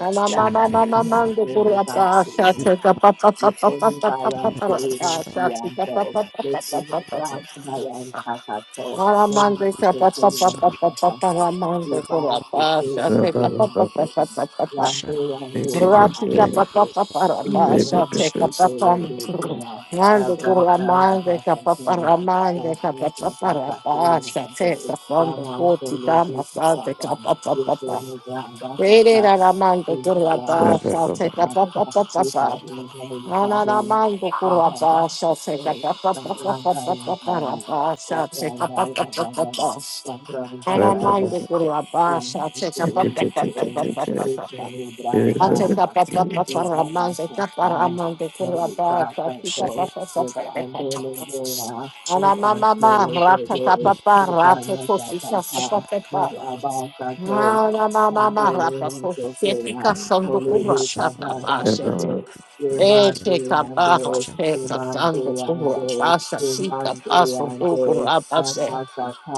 Speaker 1: Na, na, ma, na, na, na, mando, curra, pa, sta, chica, pa, pa, pa, pa, pa,
Speaker 3: only
Speaker 1: pa, pa,
Speaker 3: buy
Speaker 1: pa,
Speaker 3: and
Speaker 1: pa,
Speaker 3: say,
Speaker 1: ra,
Speaker 3: you
Speaker 1: pa,
Speaker 3: see
Speaker 1: sta,
Speaker 3: and
Speaker 1: chica, pa,
Speaker 3: all,
Speaker 1: pa, pa,
Speaker 3: make
Speaker 1: pa,
Speaker 3: me
Speaker 1: pa, pa, pa, pa,
Speaker 3: brown, my and
Speaker 1: pa.
Speaker 3: cat at all,
Speaker 1: Na, na,
Speaker 3: when
Speaker 1: mando, chica,
Speaker 3: the
Speaker 1: pa, pa,
Speaker 3: soul
Speaker 1: pa,
Speaker 3: of my
Speaker 1: pa, pa,
Speaker 3: cat
Speaker 1: pa,
Speaker 3: at
Speaker 1: pa, ra,
Speaker 3: all, move
Speaker 1: mando, curra,
Speaker 3: out the
Speaker 1: pa,
Speaker 3: tree
Speaker 1: sta,
Speaker 3: and
Speaker 2: Ba-
Speaker 1: chica,
Speaker 2: ba-
Speaker 3: fall
Speaker 1: pa,
Speaker 2: ba-
Speaker 1: pa,
Speaker 3: and
Speaker 2: ba-
Speaker 1: pa,
Speaker 2: ba.
Speaker 1: pa,
Speaker 3: fall,
Speaker 1: pa, pa, pa.
Speaker 3: and do and
Speaker 2: It
Speaker 3: do
Speaker 2: is your
Speaker 3: come out
Speaker 1: Rapika
Speaker 2: prayer.
Speaker 1: papa
Speaker 3: the
Speaker 1: papa rapa
Speaker 2: Ba- ba- ba- ba-
Speaker 1: shate kapapam.
Speaker 2: ba.
Speaker 1: Mando kura mande
Speaker 3: of
Speaker 1: kapapa
Speaker 3: You
Speaker 1: ramande kapapa rapa shate kapondo koti kama sate kapapa papa. Rere ramando kura pa
Speaker 2: Ba- ba- ba-
Speaker 1: shate
Speaker 2: ba.
Speaker 1: kapapa papa. Nana ramando kura pa shate kapapa papa papa rapa shate kapapa papa. Nana
Speaker 2: Ba- ba- ba-
Speaker 1: ramando
Speaker 2: ba.
Speaker 1: kura pa shate
Speaker 2: It
Speaker 1: kapapa
Speaker 2: is- it is-
Speaker 1: papa
Speaker 2: it is- it
Speaker 1: papa
Speaker 2: is.
Speaker 1: papa.
Speaker 2: Ba- ba- ba-
Speaker 1: Azeka papa
Speaker 2: ba.
Speaker 1: papa rama zeka parama dekura ba sasika papa papa papa. Ana mama ma rata papa papa rata kosika papa papa. Ana mama ma rata kosika sando kura papa papa. Ete kapara te katando kura pasa sika paso kura pasa.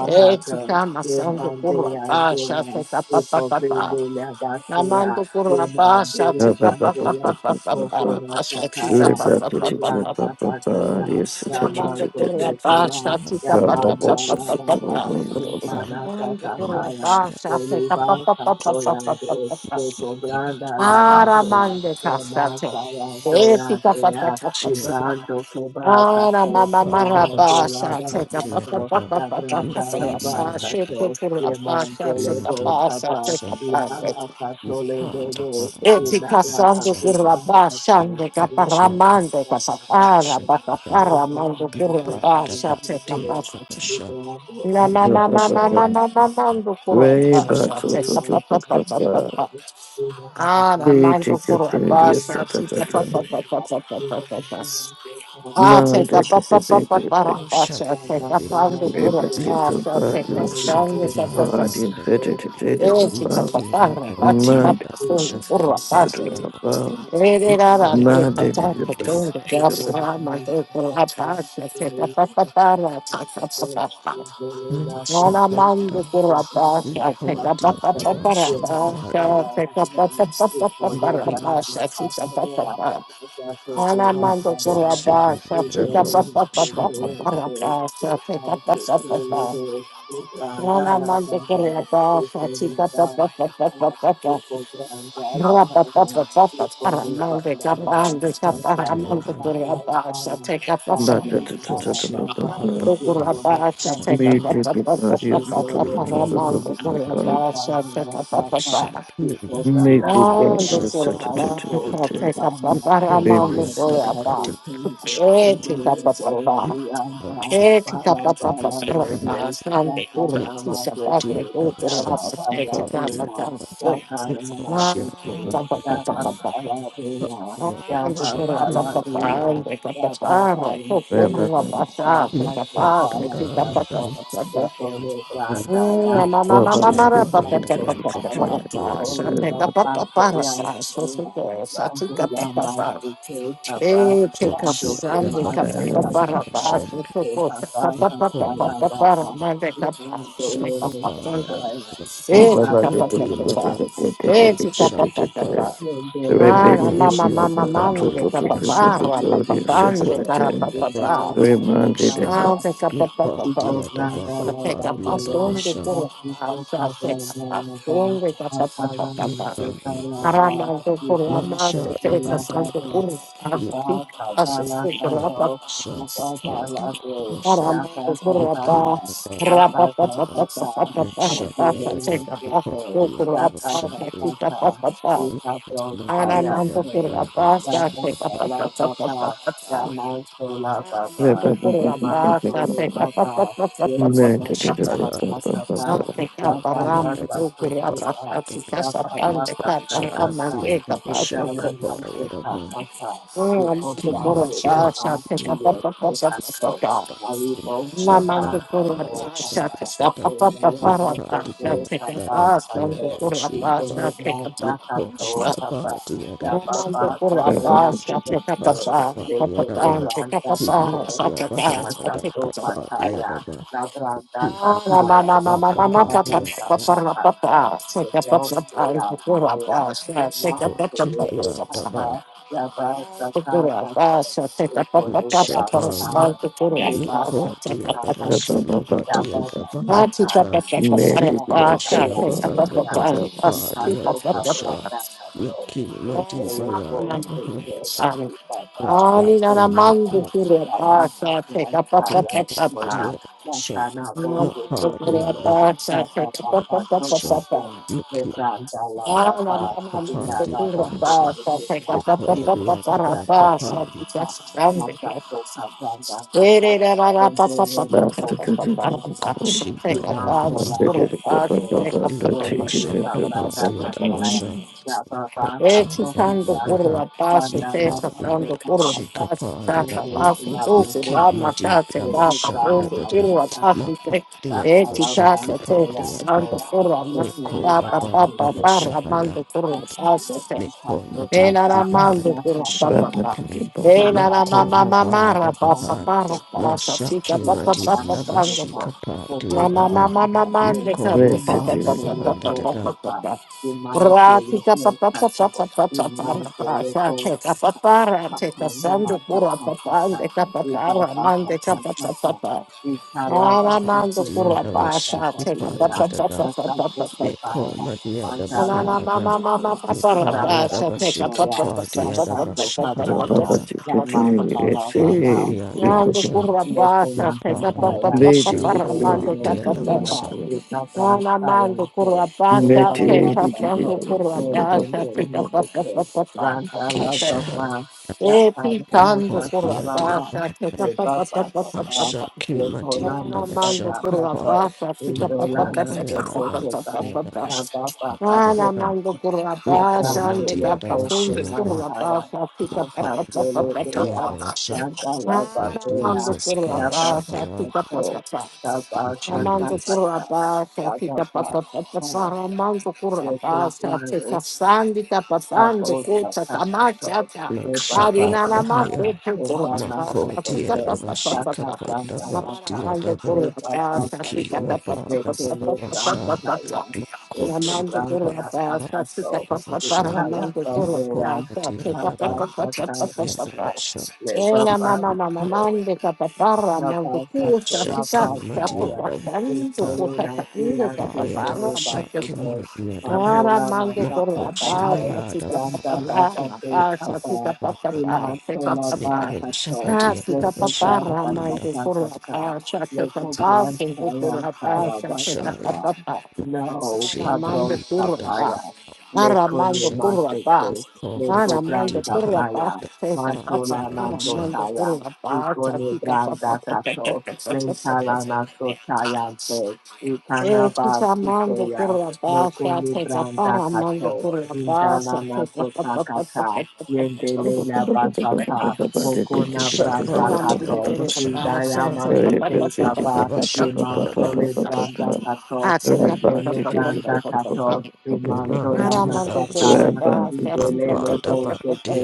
Speaker 1: Ete kama
Speaker 3: Yum
Speaker 1: sando
Speaker 3: and they
Speaker 1: kura
Speaker 3: and they
Speaker 1: pasa te
Speaker 3: are
Speaker 1: kapapa
Speaker 3: people bring
Speaker 1: papa.
Speaker 3: the
Speaker 1: Namando
Speaker 3: Yemandela ndela
Speaker 1: kurapa
Speaker 3: ikopendela basuya yemandela
Speaker 2: Ba-
Speaker 1: shatita
Speaker 2: ba- ba- ba-
Speaker 1: pa pa
Speaker 2: ba- ba-
Speaker 3: kasoya
Speaker 1: pa
Speaker 2: ba-
Speaker 1: pa
Speaker 2: ba-
Speaker 1: pa
Speaker 2: ba-
Speaker 1: para
Speaker 2: ba.
Speaker 3: kokona
Speaker 1: pa shatita
Speaker 2: Ba- ba- ba-
Speaker 1: pa
Speaker 3: sakaya
Speaker 2: ba- ba-
Speaker 1: pa pa pa pa
Speaker 3: ebranda
Speaker 2: ba-
Speaker 1: pa.
Speaker 2: ba- ba.
Speaker 3: kasoya
Speaker 2: Yes, it is-
Speaker 3: yama
Speaker 2: it is-
Speaker 1: Namando
Speaker 2: it is- it is.
Speaker 1: kurapa
Speaker 3: sotekeba
Speaker 1: shatita
Speaker 2: Ba-
Speaker 1: pa pa
Speaker 2: ba-
Speaker 1: pa
Speaker 2: ba-
Speaker 1: pa
Speaker 3: yamandala
Speaker 1: pa pa
Speaker 3: baba
Speaker 1: pa.
Speaker 2: ba-
Speaker 3: yefana
Speaker 1: Namando
Speaker 3: sakaya
Speaker 1: kurapa shatita pa
Speaker 3: oliva
Speaker 1: pa pa pa pa
Speaker 3: kasoya
Speaker 1: pa pa
Speaker 3: ndo
Speaker 1: pa pa.
Speaker 3: lekobranda labadea
Speaker 1: Aramande kasate.
Speaker 3: yemasaya ndoya
Speaker 1: Etika pa pa
Speaker 3: ndeya
Speaker 1: pa pa pa pa.
Speaker 3: ibrando keba
Speaker 1: Ara
Speaker 3: kaso
Speaker 1: mama marapa
Speaker 3: imandela
Speaker 1: shatita pa pa
Speaker 3: baba
Speaker 1: pa pa
Speaker 3: La
Speaker 1: pa pa pa
Speaker 3: branda la
Speaker 1: pa.
Speaker 3: basa to
Speaker 1: Shatita
Speaker 3: ye
Speaker 1: kurapa
Speaker 3: man dele
Speaker 1: shatita
Speaker 3: bo
Speaker 1: pa
Speaker 3: kaba
Speaker 1: shatita
Speaker 3: ina la
Speaker 1: pa.
Speaker 3: pato le
Speaker 4: part
Speaker 3: dele
Speaker 1: Eti
Speaker 3: ina la
Speaker 1: casando
Speaker 3: pato kanda
Speaker 1: currabá,
Speaker 3: ato
Speaker 1: xando
Speaker 3: ye kuta
Speaker 1: caparramando,
Speaker 3: kanda kanda
Speaker 1: pasapara,
Speaker 3: le
Speaker 1: pasapara,
Speaker 3: kanda ni
Speaker 1: mando
Speaker 3: ni kanda
Speaker 1: currabá,
Speaker 3: ni ni ni ni
Speaker 1: xate capasa.
Speaker 3: ni ni ni
Speaker 1: Na na
Speaker 2: ba-
Speaker 1: na
Speaker 2: ba-
Speaker 1: na
Speaker 2: ba-
Speaker 1: na
Speaker 3: ni
Speaker 1: na
Speaker 2: ba.
Speaker 3: ni
Speaker 1: na na mando currabá,
Speaker 2: Reba
Speaker 3: Thank
Speaker 2: to
Speaker 1: xate
Speaker 2: to to to to to.
Speaker 1: capapapapapapa. Ah, na
Speaker 2: He
Speaker 1: mando
Speaker 2: take the
Speaker 1: currabá,
Speaker 2: previous ta ta
Speaker 1: xate
Speaker 2: ta
Speaker 1: capapapapapapapa. Ah, te
Speaker 2: Man take the baby baby.
Speaker 1: capapapapaparapá, xate capando
Speaker 2: Reba take
Speaker 1: currabá,
Speaker 2: the
Speaker 1: xate
Speaker 2: body and so to
Speaker 1: capando capapá.
Speaker 2: body and fit it to take the
Speaker 1: Eti
Speaker 2: papa.
Speaker 1: capapara, pati
Speaker 2: Man take the
Speaker 1: capafundo
Speaker 2: to the
Speaker 1: currabá,
Speaker 2: papa.
Speaker 1: Ana
Speaker 2: Man
Speaker 4: of
Speaker 2: take
Speaker 4: my
Speaker 2: the
Speaker 4: body,
Speaker 2: best.
Speaker 4: Shit,
Speaker 3: you is not himself and that's not so being my himself as I am is for me, but I am not passing away. I got so good and I think I'm not that kind of we
Speaker 2: But
Speaker 3: barely in my six and I'm good. It's on a six really good. It's on dialogue
Speaker 1: mando
Speaker 3: and
Speaker 1: corre la
Speaker 3: well. It's
Speaker 1: bassa,
Speaker 3: for me my God my time. It's
Speaker 1: chica,
Speaker 3: for ground
Speaker 1: Take
Speaker 3: dialogue and well. It's for me by God and I. That's not so kind of I am. Yeah, my
Speaker 2: that to to
Speaker 3: God, by God.
Speaker 2: papa.
Speaker 3: Yes, for that,
Speaker 2: Me
Speaker 3: that's not
Speaker 2: take
Speaker 3: so.
Speaker 2: the body so
Speaker 3: Yeah,
Speaker 2: to to papa. Make the body and so
Speaker 1: up a Ande che la papà ande che la papà parra to
Speaker 2: Bastard.
Speaker 1: corra basa che
Speaker 4: Not sure
Speaker 1: papà che ti da
Speaker 4: the hundred,
Speaker 1: basa
Speaker 3: Thank
Speaker 1: basa una mamma mamma mara papà papà papà papà sa che da papà parra sa so so so, sa ti da papà Eh, que casando, capaparabás, cocota, capapapapapaparamande, capaz, que capapando. Eh, que capapapapá. Eh, que capapapapá. Ah, la mama, mama, mande, capaparra, papapande, carapapapá.
Speaker 3: you.
Speaker 1: I'll take up a papa. pot.
Speaker 3: Ikobranda
Speaker 1: I'll take up a
Speaker 3: labadera,
Speaker 1: story to go. I'll
Speaker 3: Nakiko
Speaker 1: take up a
Speaker 3: kabranda laban,
Speaker 1: story to
Speaker 3: Aparana
Speaker 1: papa. pot.
Speaker 3: sota laba,
Speaker 1: Aramando por la
Speaker 3: Ibana
Speaker 1: más
Speaker 3: sote
Speaker 1: secreta, santo por
Speaker 3: labade,
Speaker 1: la
Speaker 4: the
Speaker 3: Iba
Speaker 1: pica,
Speaker 3: kabala
Speaker 1: asesino
Speaker 4: yeah,
Speaker 1: rapa.
Speaker 3: kato,
Speaker 4: sure, the
Speaker 3: Iba
Speaker 4: party,
Speaker 3: balade,
Speaker 4: the
Speaker 3: Yaka
Speaker 1: Aramando por la
Speaker 4: Looking
Speaker 3: kakata,
Speaker 1: paz,
Speaker 4: about
Speaker 3: Yaka
Speaker 1: rapa, pa, pa, pa, pa, pa,
Speaker 3: kakata,
Speaker 1: pa, pa, la
Speaker 4: mention
Speaker 1: paz,
Speaker 3: Mabule
Speaker 4: the dark
Speaker 1: seca, paz,
Speaker 4: upon
Speaker 3: lesoto,
Speaker 1: yo
Speaker 4: the
Speaker 1: por la
Speaker 4: other
Speaker 3: Yaka
Speaker 1: paz,
Speaker 4: shin with the
Speaker 1: seca, pa,
Speaker 3: kakata,
Speaker 1: pa, pa.
Speaker 4: body,
Speaker 3: Ika
Speaker 4: not
Speaker 3: brosta
Speaker 4: even
Speaker 1: Aramando
Speaker 4: young
Speaker 3: yakse,
Speaker 1: por la
Speaker 4: the other
Speaker 1: paz, seca,
Speaker 4: sheep
Speaker 3: Yaka
Speaker 4: of
Speaker 1: pa, pa, pa, pa, pa,
Speaker 3: kalababa,
Speaker 1: pa, pa.
Speaker 4: court,
Speaker 3: Yama sola Baba,
Speaker 1: Mandukula basa
Speaker 3: Imandole
Speaker 1: teka pa pa
Speaker 3: Baba,
Speaker 1: pa pa pa pa
Speaker 4: not
Speaker 3: Yekona
Speaker 1: pa
Speaker 4: she
Speaker 1: pa.
Speaker 4: hired
Speaker 3: Sakata Ba,
Speaker 1: Sa teka
Speaker 4: quite
Speaker 3: Yaba
Speaker 4: the
Speaker 1: parama
Speaker 4: other
Speaker 3: Baba
Speaker 4: dark
Speaker 1: dukula
Speaker 3: Soki
Speaker 4: upon
Speaker 1: basa
Speaker 3: Ba,
Speaker 1: tika
Speaker 4: the
Speaker 1: sa
Speaker 3: Yaba Baba
Speaker 1: pande ka
Speaker 4: Shabbat
Speaker 1: parama
Speaker 3: Sakata,
Speaker 4: the
Speaker 1: deka
Speaker 4: other
Speaker 1: basa
Speaker 4: shark
Speaker 1: tu.
Speaker 3: Indala
Speaker 4: upon the
Speaker 3: Yasu
Speaker 4: other one.
Speaker 3: Sakata,
Speaker 1: Oh
Speaker 4: King
Speaker 3: Ukoswa
Speaker 1: mandukula
Speaker 4: what she
Speaker 3: Sele
Speaker 4: had
Speaker 1: basa
Speaker 3: Ba,
Speaker 4: done the
Speaker 1: teka pa
Speaker 3: Yen
Speaker 1: pa pa pa pa pa
Speaker 3: Sato,
Speaker 1: pa.
Speaker 4: other,
Speaker 3: Malibo
Speaker 4: she
Speaker 1: Na
Speaker 4: had
Speaker 3: Sepa
Speaker 4: died,
Speaker 1: mandukula
Speaker 4: whatever
Speaker 3: Sato
Speaker 4: shin
Speaker 1: basa
Speaker 3: Sata,
Speaker 4: the
Speaker 1: teka pa
Speaker 4: dark,
Speaker 1: pa pa pa
Speaker 3: Indala
Speaker 4: not
Speaker 1: pa
Speaker 3: Masu
Speaker 4: cardi by
Speaker 1: basa
Speaker 3: Se
Speaker 1: teka
Speaker 4: the
Speaker 3: Sapa
Speaker 4: dark,
Speaker 1: basa
Speaker 4: the
Speaker 3: Sato,
Speaker 4: other
Speaker 1: mandukula
Speaker 4: she move
Speaker 1: basa
Speaker 4: on.
Speaker 3: Ukone
Speaker 1: teka pa
Speaker 4: Yet,
Speaker 3: Branda
Speaker 1: pa pa
Speaker 4: what
Speaker 1: pa
Speaker 4: she
Speaker 3: Sato
Speaker 1: pa.
Speaker 4: had
Speaker 3: Sapa,
Speaker 4: body, the other
Speaker 1: Na
Speaker 3: Yaba
Speaker 4: she
Speaker 3: Baba
Speaker 1: mandukula
Speaker 4: had
Speaker 3: Sole
Speaker 1: basa teka pa pa pa pa pa teka pa pa pa pa pa
Speaker 3: Sedan Se,
Speaker 4: Padaba
Speaker 3: Yekone
Speaker 4: Yadaba
Speaker 3: Branda Sato,
Speaker 4: Timosia Bahana
Speaker 1: teka pa
Speaker 3: Masato
Speaker 4: Daka
Speaker 1: pa pa pa.
Speaker 3: kataya,
Speaker 4: Padiadaba
Speaker 1: Take
Speaker 3: Labranda Kataya,
Speaker 4: Timadianda Daka
Speaker 3: Masano
Speaker 4: Padiadaba
Speaker 3: Satapato, the Lord Soya, Soya, the Lord Soya de
Speaker 4: Kochihaya Daba
Speaker 3: Kata, Yaba Sata Pato, the Ponebras
Speaker 4: Shabana
Speaker 3: Taya, Yaba
Speaker 4: Niko
Speaker 3: Sata
Speaker 4: Diadaba
Speaker 3: Pato,
Speaker 4: Shimaba
Speaker 3: Yaba
Speaker 4: Diadaba
Speaker 3: Sata Taya,
Speaker 4: Hanada
Speaker 3: Yaba
Speaker 4: Niko
Speaker 3: Saya
Speaker 4: Shabahana
Speaker 3: Taya,
Speaker 4: Daka
Speaker 3: the Pato
Speaker 4: Padiadaba Shah
Speaker 3: Cabranda Pato,
Speaker 4: Niki
Speaker 3: the
Speaker 4: Madiba
Speaker 3: Lord
Speaker 4: Yadaba
Speaker 3: Soya, Yaba
Speaker 4: Hanada
Speaker 3: Sata
Speaker 4: Timosia
Speaker 3: 表发表出来采样模样，让他那都是是是谁，那个巴萨都啥啥，那啥的了巴萨，云南了嘛都是是啥，就说咱咱看看，那啥都看咱咱看看，伦敦人民公看看了解，你妈说了啥说了，努力去上班的发财，要把巴萨都是咱们。万达拉马斯看看
Speaker 4: Kuma Diadaba Shah Mapa Diadaba Shah
Speaker 1: up
Speaker 4: Nikki kapadi
Speaker 1: Take
Speaker 4: adamsha ekodi adada kapadi kochi bayada man
Speaker 2: Medical
Speaker 4: padi adabasha kapadi
Speaker 1: up
Speaker 4: adabasha kochi
Speaker 1: Eti kando
Speaker 4: abanda
Speaker 1: por
Speaker 4: dada
Speaker 1: la paz, te
Speaker 4: nipadi
Speaker 1: sacando por la
Speaker 4: adabashi
Speaker 1: paz,
Speaker 4: kapadi
Speaker 3: one day,
Speaker 1: saca
Speaker 4: adaba
Speaker 3: in
Speaker 1: paz,
Speaker 3: the Lord will
Speaker 1: entonces
Speaker 4: niki
Speaker 3: come.
Speaker 1: la
Speaker 4: madi
Speaker 1: matate,
Speaker 3: Your
Speaker 1: va
Speaker 3: feet
Speaker 4: lavasha
Speaker 1: papa,
Speaker 3: are
Speaker 1: pronto,
Speaker 3: on
Speaker 1: por
Speaker 4: dada
Speaker 3: the
Speaker 1: la
Speaker 3: path.
Speaker 1: paz, te
Speaker 4: mapadi
Speaker 3: That
Speaker 1: eti
Speaker 3: to
Speaker 4: adabasha
Speaker 3: That's
Speaker 1: casa, te
Speaker 4: kipadi
Speaker 1: sacando
Speaker 4: adaba
Speaker 1: por la
Speaker 3: That's
Speaker 1: mante,
Speaker 4: Nikoma
Speaker 1: capa,
Speaker 4: Bada
Speaker 1: papa,
Speaker 3: That's
Speaker 1: parra, mando por la
Speaker 3: That's how I like to
Speaker 1: paz,
Speaker 4: Me
Speaker 3: be
Speaker 4: Mikoma
Speaker 3: possible
Speaker 1: E
Speaker 4: dia
Speaker 1: la la
Speaker 3: pasta.
Speaker 1: mando
Speaker 4: ibayanda
Speaker 3: That's
Speaker 1: con la
Speaker 3: how so
Speaker 1: papa
Speaker 4: bashaki
Speaker 1: pa.
Speaker 3: fancy.
Speaker 4: pan.
Speaker 3: That's
Speaker 1: E la
Speaker 3: how
Speaker 1: la
Speaker 3: so
Speaker 1: mamma
Speaker 4: Makoma
Speaker 1: mamma
Speaker 3: fancy.
Speaker 1: la
Speaker 4: bada
Speaker 3: That's how I I
Speaker 1: papa
Speaker 3: Rafa Laufman Mayantoa, Yosuke Basi, Yosuke, Rafa Laufman Sokasa, Rafa Sokasa, Rafa Sokasa,
Speaker 4: bahan.
Speaker 3: Rafa
Speaker 1: pa la pasta
Speaker 3: Sokasa,
Speaker 4: Mashaki
Speaker 1: chica
Speaker 3: Ega
Speaker 1: papa papa
Speaker 3: Bani
Speaker 4: madianda
Speaker 1: prango
Speaker 3: Soka,
Speaker 1: qua.
Speaker 4: bashika padia
Speaker 1: La
Speaker 3: Oko
Speaker 1: mamma
Speaker 4: daban.
Speaker 3: Brazan
Speaker 1: mamma
Speaker 3: Sato,
Speaker 1: mande
Speaker 4: Mikoma
Speaker 1: capi papa
Speaker 3: Iman
Speaker 4: bada
Speaker 1: papa
Speaker 3: Tele
Speaker 4: bahanda
Speaker 1: papa
Speaker 4: dada.
Speaker 1: papa
Speaker 3: Soka,
Speaker 1: papa.
Speaker 3: Iman Tele
Speaker 1: Pratica papa
Speaker 3: Soka,
Speaker 1: papa papa papa
Speaker 3: Iman
Speaker 1: papa
Speaker 3: Tele
Speaker 1: papa
Speaker 3: Soka,
Speaker 1: checa papa ra
Speaker 3: Mata
Speaker 1: checa
Speaker 3: Roma
Speaker 1: sando pura papa
Speaker 3: I
Speaker 1: ande capa
Speaker 3: Eba
Speaker 1: para
Speaker 3: Basa
Speaker 1: mande capa
Speaker 4: Kopa
Speaker 1: papa
Speaker 3: Sokasa,
Speaker 1: papa. Ala mando
Speaker 4: dia
Speaker 1: pura
Speaker 4: da
Speaker 1: pasta
Speaker 4: bashiki
Speaker 1: checa
Speaker 4: panda
Speaker 1: papa
Speaker 4: dada.
Speaker 1: papa papa
Speaker 4: Mikoma dia da
Speaker 1: papa
Speaker 4: Me call my dear, the bahanda da.
Speaker 1: Epitando
Speaker 4: Mipaya da bashika padia da da bashakanda dada. Mikoma
Speaker 3: Thank
Speaker 4: dia da
Speaker 1: por
Speaker 4: basha.
Speaker 1: la pasa,
Speaker 3: Nekuna
Speaker 1: que pa pa
Speaker 4: Napaya da
Speaker 3: Kampaya,
Speaker 1: pa
Speaker 4: bashaka
Speaker 3: Indolo
Speaker 4: padia
Speaker 1: pa
Speaker 4: da
Speaker 3: Sula,
Speaker 4: basha.
Speaker 3: Ikapa Sayanto, Upa Pasato, Nekono Nasuke, Randa Lava, Yapa
Speaker 4: Oh, dear,
Speaker 3: Masaka
Speaker 4: dear,
Speaker 3: Lava,
Speaker 1: pa
Speaker 3: Nebapa
Speaker 1: pa
Speaker 3: Papa,
Speaker 1: pa.
Speaker 4: Shaki, my dear,
Speaker 3: Nekona
Speaker 1: Ah,
Speaker 4: never
Speaker 1: mando
Speaker 4: shut
Speaker 3: Masaka
Speaker 1: por la
Speaker 4: up.
Speaker 3: Pato,
Speaker 1: pasa, chica, pa, pa,
Speaker 4: Mako,
Speaker 1: pa,
Speaker 3: Indolana
Speaker 4: my
Speaker 1: pa, pa,
Speaker 3: Soko
Speaker 1: pa, pa,
Speaker 4: other,
Speaker 1: pa, pa,
Speaker 3: Soba,
Speaker 4: dear,
Speaker 1: pa, pa.
Speaker 3: Lava
Speaker 1: Ah, la
Speaker 3: Pasato,
Speaker 4: never
Speaker 1: mando por la
Speaker 4: Nicole,
Speaker 3: Labram
Speaker 1: pasa,
Speaker 4: my
Speaker 1: ande,
Speaker 4: dear,
Speaker 1: capa,
Speaker 4: never
Speaker 3: Teleko
Speaker 1: funde,
Speaker 4: shimmer,
Speaker 1: por
Speaker 4: but
Speaker 1: la
Speaker 3: Kumantaya,
Speaker 1: pasa, chica, pa, pa, pa, pa,
Speaker 3: Masatolo
Speaker 1: pa,
Speaker 4: the
Speaker 1: pa,
Speaker 4: dear, of
Speaker 1: pa,
Speaker 3: Dea,
Speaker 4: a
Speaker 1: pa.
Speaker 4: shot.
Speaker 3: Randa
Speaker 1: Ah,
Speaker 3: Lava
Speaker 1: la
Speaker 3: Dea,
Speaker 1: mando
Speaker 4: Jesus,
Speaker 1: por la
Speaker 3: Thank
Speaker 4: gosh,
Speaker 1: pasa,
Speaker 4: higher,
Speaker 1: chica, pa, pa, pa. Amando
Speaker 4: Jesus,
Speaker 1: curabá, fica amando curabá, fica sandi, tapa sandi, cuta, tamacha,
Speaker 4: not
Speaker 1: arinana
Speaker 4: shabbat,
Speaker 1: mato,
Speaker 4: higher.
Speaker 1: curabá,
Speaker 4: Mako,
Speaker 1: fica
Speaker 4: dear, never shake up,
Speaker 1: papapapá,
Speaker 4: the dear,
Speaker 1: amando
Speaker 4: of the
Speaker 1: curabá,
Speaker 4: Nikki,
Speaker 1: fica
Speaker 4: my body, the baba shot.
Speaker 1: papapapá,
Speaker 4: Mako, she,
Speaker 1: Namanda Guru
Speaker 4: the
Speaker 1: Basa, pick up a papa,
Speaker 4: baba,
Speaker 1: Amanda Guru
Speaker 4: Mako
Speaker 1: Basa, pick up
Speaker 4: Madiada
Speaker 1: a papa,
Speaker 4: Bakiada
Speaker 1: papa.
Speaker 4: Shaki
Speaker 1: Ela mama mama
Speaker 3: you.
Speaker 1: mande capapara, mando
Speaker 3: Rabasato,
Speaker 1: cusa,
Speaker 4: Shaki
Speaker 1: fica, capo,
Speaker 3: Rabasaya,
Speaker 4: Madiada
Speaker 1: cacando,
Speaker 4: Da
Speaker 3: Ikole
Speaker 1: cusa, cacando,
Speaker 3: Nasia,
Speaker 4: Ayada
Speaker 1: capapara,
Speaker 3: Tokoro
Speaker 4: Shaki
Speaker 1: mando.
Speaker 3: Basoto,
Speaker 4: Madiada Bak
Speaker 3: Mandola
Speaker 1: Aramango por
Speaker 3: Masaka
Speaker 1: la
Speaker 4: Mako
Speaker 3: Pato,
Speaker 1: basa,
Speaker 4: Shimayada
Speaker 1: chica
Speaker 3: Yanda
Speaker 4: Baba
Speaker 1: papá, la
Speaker 3: Labate
Speaker 1: basa,
Speaker 3: Papa,
Speaker 1: chica
Speaker 4: Baba
Speaker 1: papá, chica
Speaker 3: Imantola
Speaker 1: papá.
Speaker 4: Niko
Speaker 3: Basato,
Speaker 1: Ah, chica
Speaker 4: Shakadiada
Speaker 3: Leso
Speaker 1: papá,
Speaker 3: Brand
Speaker 4: Bashika Panda
Speaker 1: ramango
Speaker 3: Asaka
Speaker 1: por la
Speaker 3: Kata,
Speaker 1: basa, chica
Speaker 3: Leso
Speaker 1: papá,
Speaker 3: Brand
Speaker 1: chica por
Speaker 3: Saya
Speaker 1: la
Speaker 4: Baba
Speaker 3: Tara
Speaker 1: basa, chica
Speaker 4: Shaya
Speaker 3: Basata,
Speaker 1: papá.
Speaker 3: No
Speaker 4: Shia
Speaker 1: Aramango
Speaker 3: Pabro
Speaker 4: Bahanda
Speaker 1: por la
Speaker 4: Da
Speaker 3: Sapaya,
Speaker 1: basa,
Speaker 3: Leko
Speaker 1: aramango
Speaker 4: Shah
Speaker 1: por la
Speaker 3: Nimaseke,
Speaker 1: basa,
Speaker 4: O
Speaker 3: Leko Brand
Speaker 1: aramango
Speaker 4: Madiada
Speaker 1: por la
Speaker 4: Bahan
Speaker 3: Sapaya,
Speaker 1: basa, chica papá,
Speaker 3: Mantola
Speaker 4: Ayada Basha
Speaker 1: aramango
Speaker 3: Nasotaya,
Speaker 1: por la basa,
Speaker 3: Ikone
Speaker 1: chica papá,
Speaker 3: branda
Speaker 1: papá,
Speaker 3: kato,
Speaker 1: papá, papá, papá,
Speaker 3: lentalana sotayante,
Speaker 1: Eh,
Speaker 3: ikanaba
Speaker 1: chutamando por
Speaker 3: siteya,
Speaker 1: la baja,
Speaker 3: nokoni
Speaker 1: te
Speaker 3: branda
Speaker 1: taparamando
Speaker 3: kato,
Speaker 1: por la baja,
Speaker 3: indalana
Speaker 1: te taparamando por la baja, te
Speaker 3: sotakata,
Speaker 1: taparamando
Speaker 3: yendelela basata, mokona
Speaker 4: Kosha
Speaker 3: branda
Speaker 1: por
Speaker 3: kato,
Speaker 4: Adiada
Speaker 1: la
Speaker 4: Basha
Speaker 1: baja, te taparamando
Speaker 3: indayama
Speaker 1: por la baja,
Speaker 3: sote
Speaker 1: te taparamando
Speaker 4: Nikada
Speaker 3: kaba,
Speaker 4: Basha
Speaker 1: por
Speaker 4: Da Da
Speaker 1: la
Speaker 3: Rimanto
Speaker 4: Da
Speaker 3: le
Speaker 1: baja,
Speaker 3: branda kato,
Speaker 1: te taparamando por
Speaker 3: lekene
Speaker 1: la baja,
Speaker 3: branda kato,
Speaker 4: Ima
Speaker 3: rimanto la imantolana
Speaker 4: Diada Basha
Speaker 2: Rabba
Speaker 3: sataya, indolele bo
Speaker 4: Mapadaba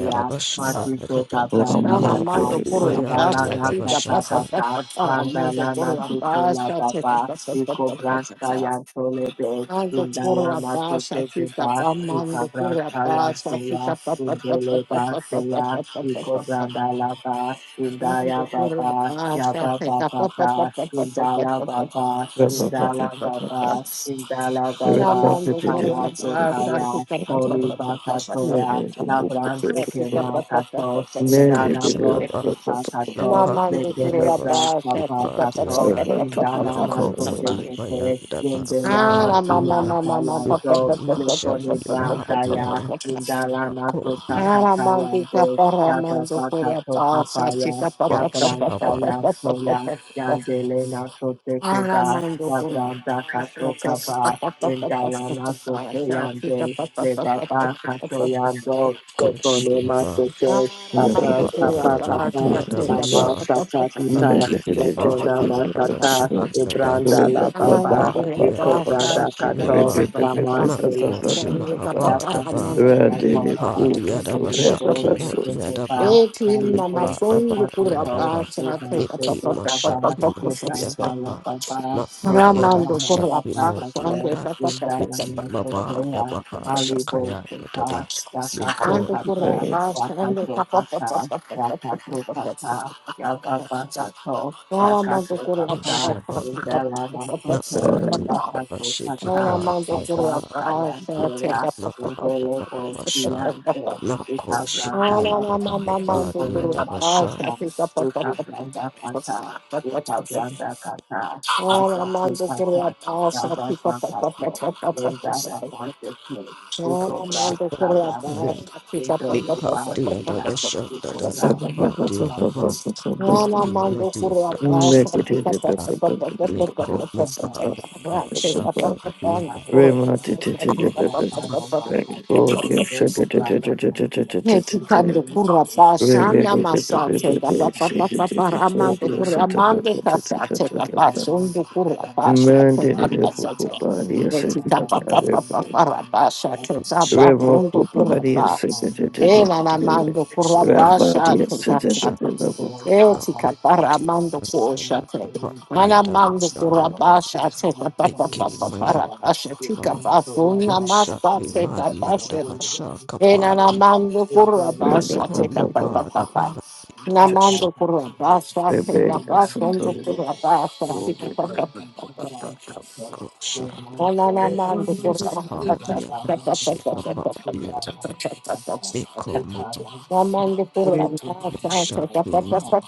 Speaker 1: te
Speaker 3: masito
Speaker 4: Kadaba
Speaker 3: ka branda
Speaker 4: Niko
Speaker 3: kata,
Speaker 4: Dibaya
Speaker 3: Yumbalana kata
Speaker 4: Diadabashaha
Speaker 3: kata, landalana suto la baba,
Speaker 1: taparamando por la
Speaker 3: iko bransta
Speaker 1: baja,
Speaker 3: yanto lebe,
Speaker 1: Mando kurra
Speaker 3: indalama
Speaker 1: basa
Speaker 3: sote
Speaker 1: tika
Speaker 3: keba,
Speaker 1: pa
Speaker 3: ika
Speaker 1: mando kurra
Speaker 3: bransta yanto
Speaker 1: basa
Speaker 3: ya,
Speaker 1: tika pa pa pa pa pa
Speaker 3: ba
Speaker 1: pa pa
Speaker 3: seya,
Speaker 1: pa pa
Speaker 3: iko
Speaker 1: pa pa pa
Speaker 3: branda la ba,
Speaker 1: pa mando
Speaker 3: indaya
Speaker 1: kurra
Speaker 3: baba,
Speaker 1: basa
Speaker 3: yaba
Speaker 1: tika pa
Speaker 3: baba
Speaker 1: pa pa pa pa pa pa
Speaker 3: indala
Speaker 1: pa pa pa pa
Speaker 3: baba,
Speaker 1: pa
Speaker 3: indala
Speaker 1: pa pa pa pa.
Speaker 3: baba, indala
Speaker 1: na
Speaker 3: baba,
Speaker 1: mando kurra
Speaker 3: tamaso
Speaker 1: basa
Speaker 3: taya,
Speaker 1: tika pa pa
Speaker 3: moli
Speaker 1: pa pa pa pa
Speaker 3: baka
Speaker 1: pa pa pa
Speaker 3: Labrande que
Speaker 1: tika pa pa pa pa pa
Speaker 3: matatos,
Speaker 1: pa
Speaker 3: indala
Speaker 1: pa pa pa.
Speaker 3: bros
Speaker 4: Koshahaba
Speaker 3: que patatos,
Speaker 1: na
Speaker 4: Napa
Speaker 3: le
Speaker 1: mando
Speaker 3: que le
Speaker 1: kurra
Speaker 3: bras
Speaker 4: Diadabash
Speaker 1: basa
Speaker 3: papa
Speaker 4: Kipa
Speaker 1: tika pa pa pa
Speaker 3: catos,
Speaker 4: Diada
Speaker 1: pa pa
Speaker 3: indala
Speaker 1: pa
Speaker 4: Nako
Speaker 3: naso
Speaker 1: pa pa
Speaker 3: que
Speaker 1: pa.
Speaker 3: que
Speaker 4: Modibaya
Speaker 3: te, yende
Speaker 1: Ah,
Speaker 3: la
Speaker 4: Daba dia
Speaker 3: masian
Speaker 4: Diada Niki
Speaker 3: tayando,
Speaker 4: Masha Kipa Diada
Speaker 3: indala
Speaker 4: Nako
Speaker 3: naso
Speaker 4: Dia
Speaker 3: sakatayande, yaba patato kapaya, yabrans
Speaker 4: Washahaba
Speaker 3: kayanto ya, yandele naso te que va, yabranda kato kaba, indala naso teyande. Lebaba Katoyando, Ekonema
Speaker 4: Koshimaba
Speaker 3: Sete, Abra Kapa
Speaker 4: Pandada
Speaker 3: Kapa, Ama
Speaker 4: Diadabasha
Speaker 3: Sata Tita,
Speaker 4: Niki Mapa Dia
Speaker 3: Ekonama Sata,
Speaker 4: Davasha dada.
Speaker 3: Ebranda La
Speaker 1: Ramando
Speaker 3: Baba,
Speaker 4: Nipa
Speaker 3: Eko Branda
Speaker 4: Yadabashiki
Speaker 3: Kato,
Speaker 4: Maba
Speaker 3: lamanche
Speaker 4: Makoshi Mahaba
Speaker 3: that's how the
Speaker 4: Daba
Speaker 3: end of the
Speaker 2: Radele
Speaker 3: power
Speaker 4: Nipa
Speaker 3: is
Speaker 2: Kutu
Speaker 3: the
Speaker 2: to Reba
Speaker 3: logo,
Speaker 4: Yadabashaki
Speaker 3: the
Speaker 4: Mo
Speaker 2: Basu.
Speaker 3: social bar,
Speaker 4: Yadaba
Speaker 3: the
Speaker 4: Nipa
Speaker 3: legal, the
Speaker 4: Daba
Speaker 3: partner code,
Speaker 4: Yadaba
Speaker 3: the dance, the
Speaker 4: Niki
Speaker 3: social bar,
Speaker 4: Mashaki Mo
Speaker 3: the grand dialogue
Speaker 4: Yadaba
Speaker 3: bar, the
Speaker 4: Mapa
Speaker 3: colonel, the
Speaker 4: Yadabashaki Mo
Speaker 3: partner code,
Speaker 4: Yada
Speaker 3: the
Speaker 4: Niki
Speaker 3: dialogue
Speaker 4: Maba
Speaker 3: social,
Speaker 4: Daba
Speaker 3: the legal,
Speaker 4: Shakaya
Speaker 3: the car,
Speaker 4: Yadada
Speaker 3: the cato
Speaker 4: Niko
Speaker 3: pata, the cato pata, the cato pata, the baba cato, the cato pata, the
Speaker 4: Nishabanda
Speaker 3: dialogue
Speaker 4: Napa
Speaker 3: social, the cato
Speaker 1: Oh,
Speaker 4: Yadabashiki
Speaker 3: pata,
Speaker 4: Pa
Speaker 3: the
Speaker 4: Yadaba
Speaker 3: brass, the Ubele
Speaker 4: Bahabasha,
Speaker 3: Bosiande,
Speaker 4: Nako
Speaker 3: Ikabranda
Speaker 4: Shikia the
Speaker 3: Lapa,
Speaker 4: Bahaba, the
Speaker 3: Ikonia
Speaker 4: Adabasha,
Speaker 3: Masata, Ikabranda Kata, Ikabranda Kata, Pasate Kata, Rabba Pakato, Linda Lamasete, Ikobra
Speaker 4: Shabbat,
Speaker 3: Kayako, Indo
Speaker 4: Mika, the
Speaker 3: Libasia,
Speaker 4: Adabasha, the
Speaker 3: Ikobra
Speaker 4: Kapa, the
Speaker 3: Masatato,
Speaker 4: Adaba,
Speaker 3: Indo
Speaker 4: Miki, Madia, the
Speaker 3: Libasia,
Speaker 4: basha,
Speaker 3: Ayuka,
Speaker 4: Yekimabadabahasha,
Speaker 3: Mata, Mata,
Speaker 4: Nakoshikiyadabahabadiyadabasha,
Speaker 3: Mata, Mata,
Speaker 2: Reminded
Speaker 3: I'm
Speaker 1: Hetikando kurapa shana masate kapa pa pa pa pa ramando kuramande kasate kapa sundu kurapa shate kapa sate. Hetika pa pa pa pa pa rapa shate
Speaker 4: Shabadabaya,
Speaker 1: kapa sundu
Speaker 2: Remokoparia
Speaker 1: kurapa.
Speaker 3: Thank
Speaker 2: secretary
Speaker 1: Ela
Speaker 3: you.
Speaker 1: na mando
Speaker 3: Thank
Speaker 1: kurapa
Speaker 2: Rabaria
Speaker 1: shate
Speaker 4: Mikadiyadabashadadakabadiyadaba, Mikimadiyadabashada, Nikomabadabashakimadiyanako,
Speaker 1: kapa.
Speaker 2: secretary
Speaker 4: Shabadiyadabashakimadiyanabasha,
Speaker 2: level
Speaker 1: Hetika kapa ramando kushate. Ana mando kurapa
Speaker 4: Nakomadiyadabashadadakabadiyadabashayadaba,
Speaker 1: shate kapa pa pa pa pa
Speaker 4: Mikimaya.
Speaker 1: rapa shate kapa sundu
Speaker 4: Mashaki
Speaker 1: masate
Speaker 4: Maria
Speaker 1: kapa
Speaker 4: da
Speaker 1: shate.
Speaker 4: Mashaka Party,
Speaker 1: Enanamando
Speaker 2: Rebellion
Speaker 1: kurabasha teka
Speaker 4: Nikoma
Speaker 1: papa
Speaker 4: Bada
Speaker 1: papa.
Speaker 4: Bada
Speaker 1: Namando
Speaker 4: Shaka
Speaker 1: kurabasha teka papa ndo
Speaker 2: Central
Speaker 1: kurabasha teka papa papa.
Speaker 4: Shaka
Speaker 1: Onanamando kurabasha teka
Speaker 4: Party,
Speaker 1: papa papa
Speaker 4: Shaka
Speaker 1: papa
Speaker 4: Party,
Speaker 1: papa
Speaker 3: you.
Speaker 1: papa papa.
Speaker 3: Thank
Speaker 4: Nikoma
Speaker 1: Ramando Kurya
Speaker 3: you.
Speaker 4: Shaki Maria,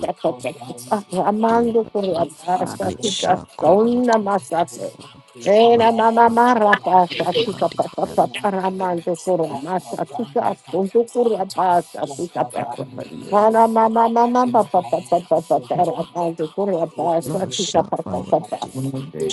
Speaker 1: Ramando Kurya Satika
Speaker 4: Nishako
Speaker 1: Sona Masate.
Speaker 4: Matma
Speaker 1: Era mama mara pasa tika
Speaker 4: Party,
Speaker 1: papa papa ramando kurya masa tika sundu kurya pasa tika papa. Mana mama mama papa papa papa ramando kurya pasa tika papa
Speaker 4: Mashaka
Speaker 1: papa.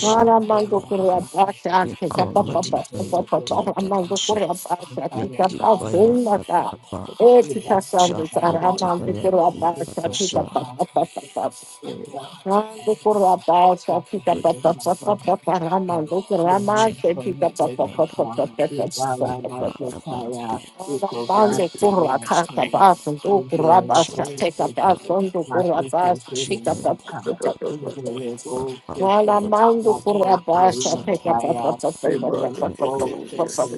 Speaker 1: Para mando correr
Speaker 4: Bada,
Speaker 1: abaixo, que já
Speaker 4: Nikoma
Speaker 1: papapá,
Speaker 4: Divaya Dia
Speaker 1: papapá,
Speaker 4: da
Speaker 1: mando correr
Speaker 4: Shaka,
Speaker 1: abaixo, que já
Speaker 4: Miki
Speaker 1: passou
Speaker 4: Baya da
Speaker 1: na
Speaker 4: Bada,
Speaker 3: We
Speaker 1: Eti
Speaker 3: bless our
Speaker 1: kasando
Speaker 4: Shako
Speaker 3: sanctuary.
Speaker 1: tarama de
Speaker 4: Divaya
Speaker 3: We are
Speaker 4: Dia
Speaker 1: kuraba
Speaker 4: da
Speaker 3: grateful to
Speaker 1: shapita
Speaker 3: the
Speaker 4: Shaka,
Speaker 1: papa
Speaker 3: God who is
Speaker 1: papa pa
Speaker 3: with
Speaker 1: pa
Speaker 3: us.
Speaker 1: pa.
Speaker 3: For the box and say, my
Speaker 1: Ando
Speaker 3: blood that runs in the water,
Speaker 1: kuraba
Speaker 3: blessing
Speaker 1: shapita pa
Speaker 3: those
Speaker 1: pa pa
Speaker 3: that
Speaker 1: pa
Speaker 3: run
Speaker 1: pa
Speaker 3: back
Speaker 1: pa
Speaker 3: to the
Speaker 1: rama
Speaker 3: Lord.
Speaker 1: do
Speaker 3: We are
Speaker 1: kurama
Speaker 4: Shaka
Speaker 3: one for
Speaker 1: shapita
Speaker 3: you, great
Speaker 1: papa. pa pa
Speaker 3: God.
Speaker 1: pa pa
Speaker 3: We
Speaker 1: pa
Speaker 3: bow
Speaker 1: pa
Speaker 3: our
Speaker 1: pa
Speaker 3: hearts to
Speaker 4: Bada
Speaker 3: prayer.
Speaker 4: Bada.
Speaker 3: We
Speaker 1: pa pa pa. Ana
Speaker 3: go
Speaker 1: mande
Speaker 3: round to the
Speaker 1: kuraba kata
Speaker 3: altar.
Speaker 1: ba do
Speaker 3: We
Speaker 1: kuraba
Speaker 3: give
Speaker 4: Shanpa
Speaker 3: all
Speaker 1: shapita pa
Speaker 3: scriptures,
Speaker 1: do
Speaker 3: not to
Speaker 1: kuraba
Speaker 3: so given
Speaker 1: shapita
Speaker 4: Shivaya
Speaker 1: pa pa
Speaker 3: sometimes. We give all scriptures, not to so
Speaker 4: Bhagava
Speaker 3: given prayer. We give
Speaker 4: Shanti
Speaker 3: all scriptures,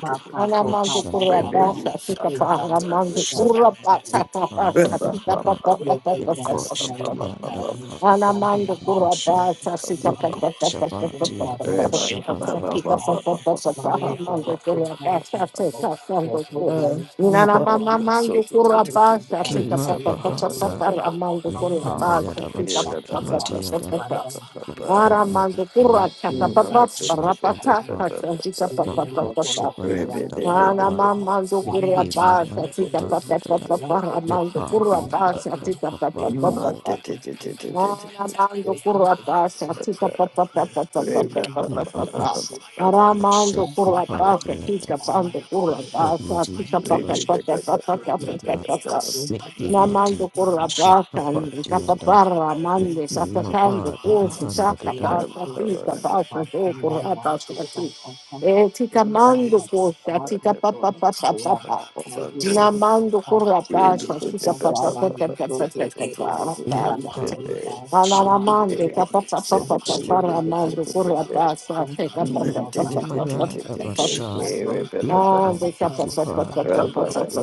Speaker 3: not to
Speaker 1: Ana mando
Speaker 3: so
Speaker 1: kurra
Speaker 4: Vashanko
Speaker 3: given prayer.
Speaker 1: basa tika
Speaker 3: We
Speaker 1: pa
Speaker 3: God,
Speaker 1: ana mando
Speaker 3: let
Speaker 2: Rebellion
Speaker 4: Shan
Speaker 1: kurra
Speaker 3: us in
Speaker 1: basa tapa
Speaker 4: Yupa
Speaker 2: Ba
Speaker 1: sa
Speaker 2: ba
Speaker 1: tika
Speaker 2: ba
Speaker 1: pa
Speaker 4: Dabadaba
Speaker 1: pa
Speaker 3: the God, hallelujah.
Speaker 1: pa
Speaker 3: Lord
Speaker 1: pa pa
Speaker 2: ba
Speaker 1: pa
Speaker 3: God,
Speaker 4: Yako
Speaker 1: pa pa
Speaker 3: carrying and
Speaker 4: Shakya
Speaker 3: carrying,
Speaker 1: Ana
Speaker 3: God, from
Speaker 4: Dabhavati
Speaker 1: mando
Speaker 3: the others
Speaker 1: kurra
Speaker 3: to
Speaker 4: Vasha
Speaker 3: come to
Speaker 1: basa
Speaker 3: us the
Speaker 1: tika pa
Speaker 3: time.
Speaker 4: Yako
Speaker 1: pa pa pa pa
Speaker 3: In
Speaker 1: pa
Speaker 3: the
Speaker 1: pa
Speaker 4: Shabatiya
Speaker 3: top of
Speaker 1: pa
Speaker 3: us,
Speaker 1: pa.
Speaker 3: to
Speaker 4: Dabashaha
Speaker 3: come
Speaker 1: Sa
Speaker 3: to us,
Speaker 1: tika
Speaker 4: Dada
Speaker 3: God,
Speaker 1: pa pa
Speaker 3: God.
Speaker 1: pa pa
Speaker 3: When
Speaker 1: pa pa.
Speaker 3: we rejoice,
Speaker 1: mando
Speaker 3: to
Speaker 1: kurra
Speaker 3: come to us,
Speaker 1: basa
Speaker 3: God.
Speaker 1: tika
Speaker 3: There is
Speaker 1: mando
Speaker 3: no
Speaker 1: kurra.
Speaker 3: blemish, come
Speaker 1: Nana
Speaker 3: to us,
Speaker 1: mama mando kurra
Speaker 3: Thank
Speaker 1: basa tika
Speaker 4: Kima
Speaker 1: pa pa pa pa pa
Speaker 4: Bahanda
Speaker 1: pa pa. mando kurra basa
Speaker 4: Napaya
Speaker 1: tika
Speaker 4: Davashi
Speaker 1: pa pa
Speaker 4: Kima
Speaker 1: pa pa
Speaker 4: Diyada
Speaker 1: pa pa pa.
Speaker 4: Mako
Speaker 1: Ara mando kurra
Speaker 4: Madhaya
Speaker 1: pa
Speaker 4: Yapa
Speaker 1: pa pa pa pa pa
Speaker 4: Shaka
Speaker 1: pa. Sa tika pa pa pa
Speaker 4: Mako
Speaker 1: pa pa.
Speaker 4: Shivaya
Speaker 1: Ana
Speaker 4: Dabhava
Speaker 1: mama
Speaker 4: make
Speaker 1: zukura
Speaker 4: him my lord,
Speaker 1: pasa tika
Speaker 4: da
Speaker 1: pa
Speaker 4: da
Speaker 1: pa
Speaker 4: da
Speaker 1: pa
Speaker 4: da.
Speaker 1: pa pa
Speaker 4: Make
Speaker 1: mama
Speaker 4: party
Speaker 1: zukura
Speaker 4: and da
Speaker 1: pasa
Speaker 4: da
Speaker 1: tika
Speaker 4: da,
Speaker 1: pa pa
Speaker 4: party
Speaker 1: pa pa
Speaker 4: and
Speaker 1: pa
Speaker 4: da da.
Speaker 1: ana mama zukura pasa tika pa pa pa pa pa pa pa pa pa
Speaker 4: No, no,
Speaker 1: pa
Speaker 4: no,
Speaker 1: pa
Speaker 2: ba ba ba
Speaker 1: ana mama
Speaker 4: shut the
Speaker 1: zukura
Speaker 4: party
Speaker 1: pasa
Speaker 4: and da.
Speaker 1: tika pa
Speaker 2: Rabbi,
Speaker 1: zukura
Speaker 4: Oh, my
Speaker 1: pasa
Speaker 4: dear,
Speaker 1: tika
Speaker 4: da
Speaker 1: pa
Speaker 4: da,
Speaker 1: pa
Speaker 4: shut
Speaker 1: pa pa pa pa pa
Speaker 4: and
Speaker 1: pa
Speaker 3: you.
Speaker 4: da.
Speaker 1: pa pa
Speaker 3: Thank
Speaker 4: Make him my
Speaker 1: Namando
Speaker 4: dear, da
Speaker 1: por
Speaker 4: da,
Speaker 1: la
Speaker 4: shut the
Speaker 1: pasta,
Speaker 4: party
Speaker 1: y
Speaker 4: and da.
Speaker 1: capaparra,
Speaker 4: Make
Speaker 1: mande,
Speaker 4: him my
Speaker 1: sacatando,
Speaker 4: bar, da da,
Speaker 1: cosi,
Speaker 4: hand da da
Speaker 1: saca,
Speaker 4: da.
Speaker 1: pasta, pica, pasta, soco, rata, así. Eh, tica mando costa, tica pa pa pa pa pa pa. Namando por la pasta, tica pa pa pa pa pa pa pa pa pa pa
Speaker 4: My party,
Speaker 1: pa.
Speaker 4: shut,
Speaker 1: Anamande, capa pa pa pa pa pa, ramando por la pasta, tica pa
Speaker 4: Make
Speaker 1: pa pa pa
Speaker 4: him my
Speaker 1: pa pa
Speaker 4: lord, da
Speaker 1: pa
Speaker 4: da,
Speaker 1: pa. pa.
Speaker 4: shut. My call,
Speaker 1: Anamando
Speaker 4: make him party and da da,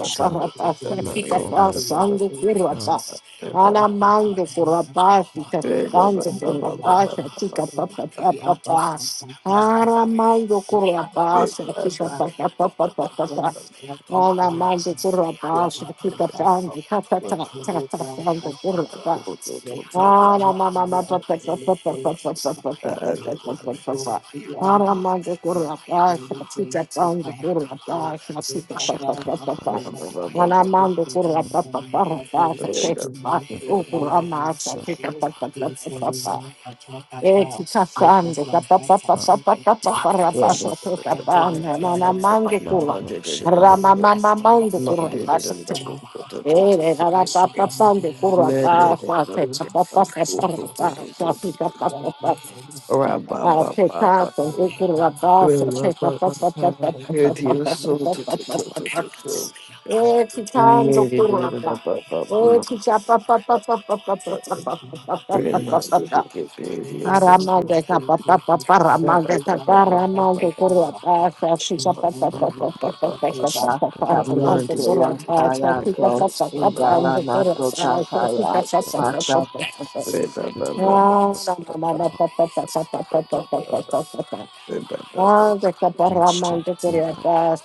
Speaker 3: you.
Speaker 4: shut.
Speaker 3: The yellow
Speaker 4: call,
Speaker 3: balls
Speaker 4: my lord,
Speaker 3: belong to
Speaker 4: da da,
Speaker 3: himself, and the black balls have
Speaker 1: por
Speaker 3: none
Speaker 1: la
Speaker 3: of
Speaker 1: paz, y
Speaker 3: themselves.
Speaker 1: cantando
Speaker 3: Outside
Speaker 1: por
Speaker 3: of the
Speaker 1: la paz,
Speaker 3: ground, the upper
Speaker 1: chica pa pa pa pa
Speaker 3: side
Speaker 1: pa.
Speaker 3: of The ground,
Speaker 1: Aramando
Speaker 3: the to and
Speaker 1: por
Speaker 3: ground.
Speaker 1: la
Speaker 3: ground,
Speaker 1: paz,
Speaker 3: the
Speaker 1: chica
Speaker 3: you.
Speaker 1: pa pa pa pa
Speaker 3: Thank
Speaker 1: pa pa pa.
Speaker 3: you.
Speaker 1: Anamando por
Speaker 2: Rabba
Speaker 1: la paz, chica pa pa pa pa pa pa pa por la paz. Ramamamamando kurapa
Speaker 4: shut, shut, da da, shut. La oh
Speaker 3: Thank
Speaker 4: shit, I
Speaker 1: Every time
Speaker 3: you.
Speaker 2: Remember to
Speaker 1: the
Speaker 2: get paid,
Speaker 3: These
Speaker 2: yes.
Speaker 3: regularly
Speaker 1: Paramount
Speaker 3: arrange their
Speaker 1: capa papa
Speaker 3: species by
Speaker 1: paramount
Speaker 3: research
Speaker 1: capa
Speaker 3: and
Speaker 1: paramount corra passa
Speaker 4: shut
Speaker 1: fica papa papa
Speaker 2: Remember
Speaker 1: papa
Speaker 4: shut
Speaker 1: papa paramount corra passa
Speaker 4: oh
Speaker 1: fica
Speaker 3: and
Speaker 1: papa
Speaker 3: Indala
Speaker 1: papa corra
Speaker 4: shit,
Speaker 3: nasota
Speaker 1: passa fica
Speaker 3: kaya,
Speaker 4: I
Speaker 1: papa
Speaker 4: shut
Speaker 1: papa papa
Speaker 4: keep
Speaker 1: papa papa papa papa papa Papa Papa Father,
Speaker 4: not shut
Speaker 1: Caparama, the
Speaker 4: keep
Speaker 1: Tirabas,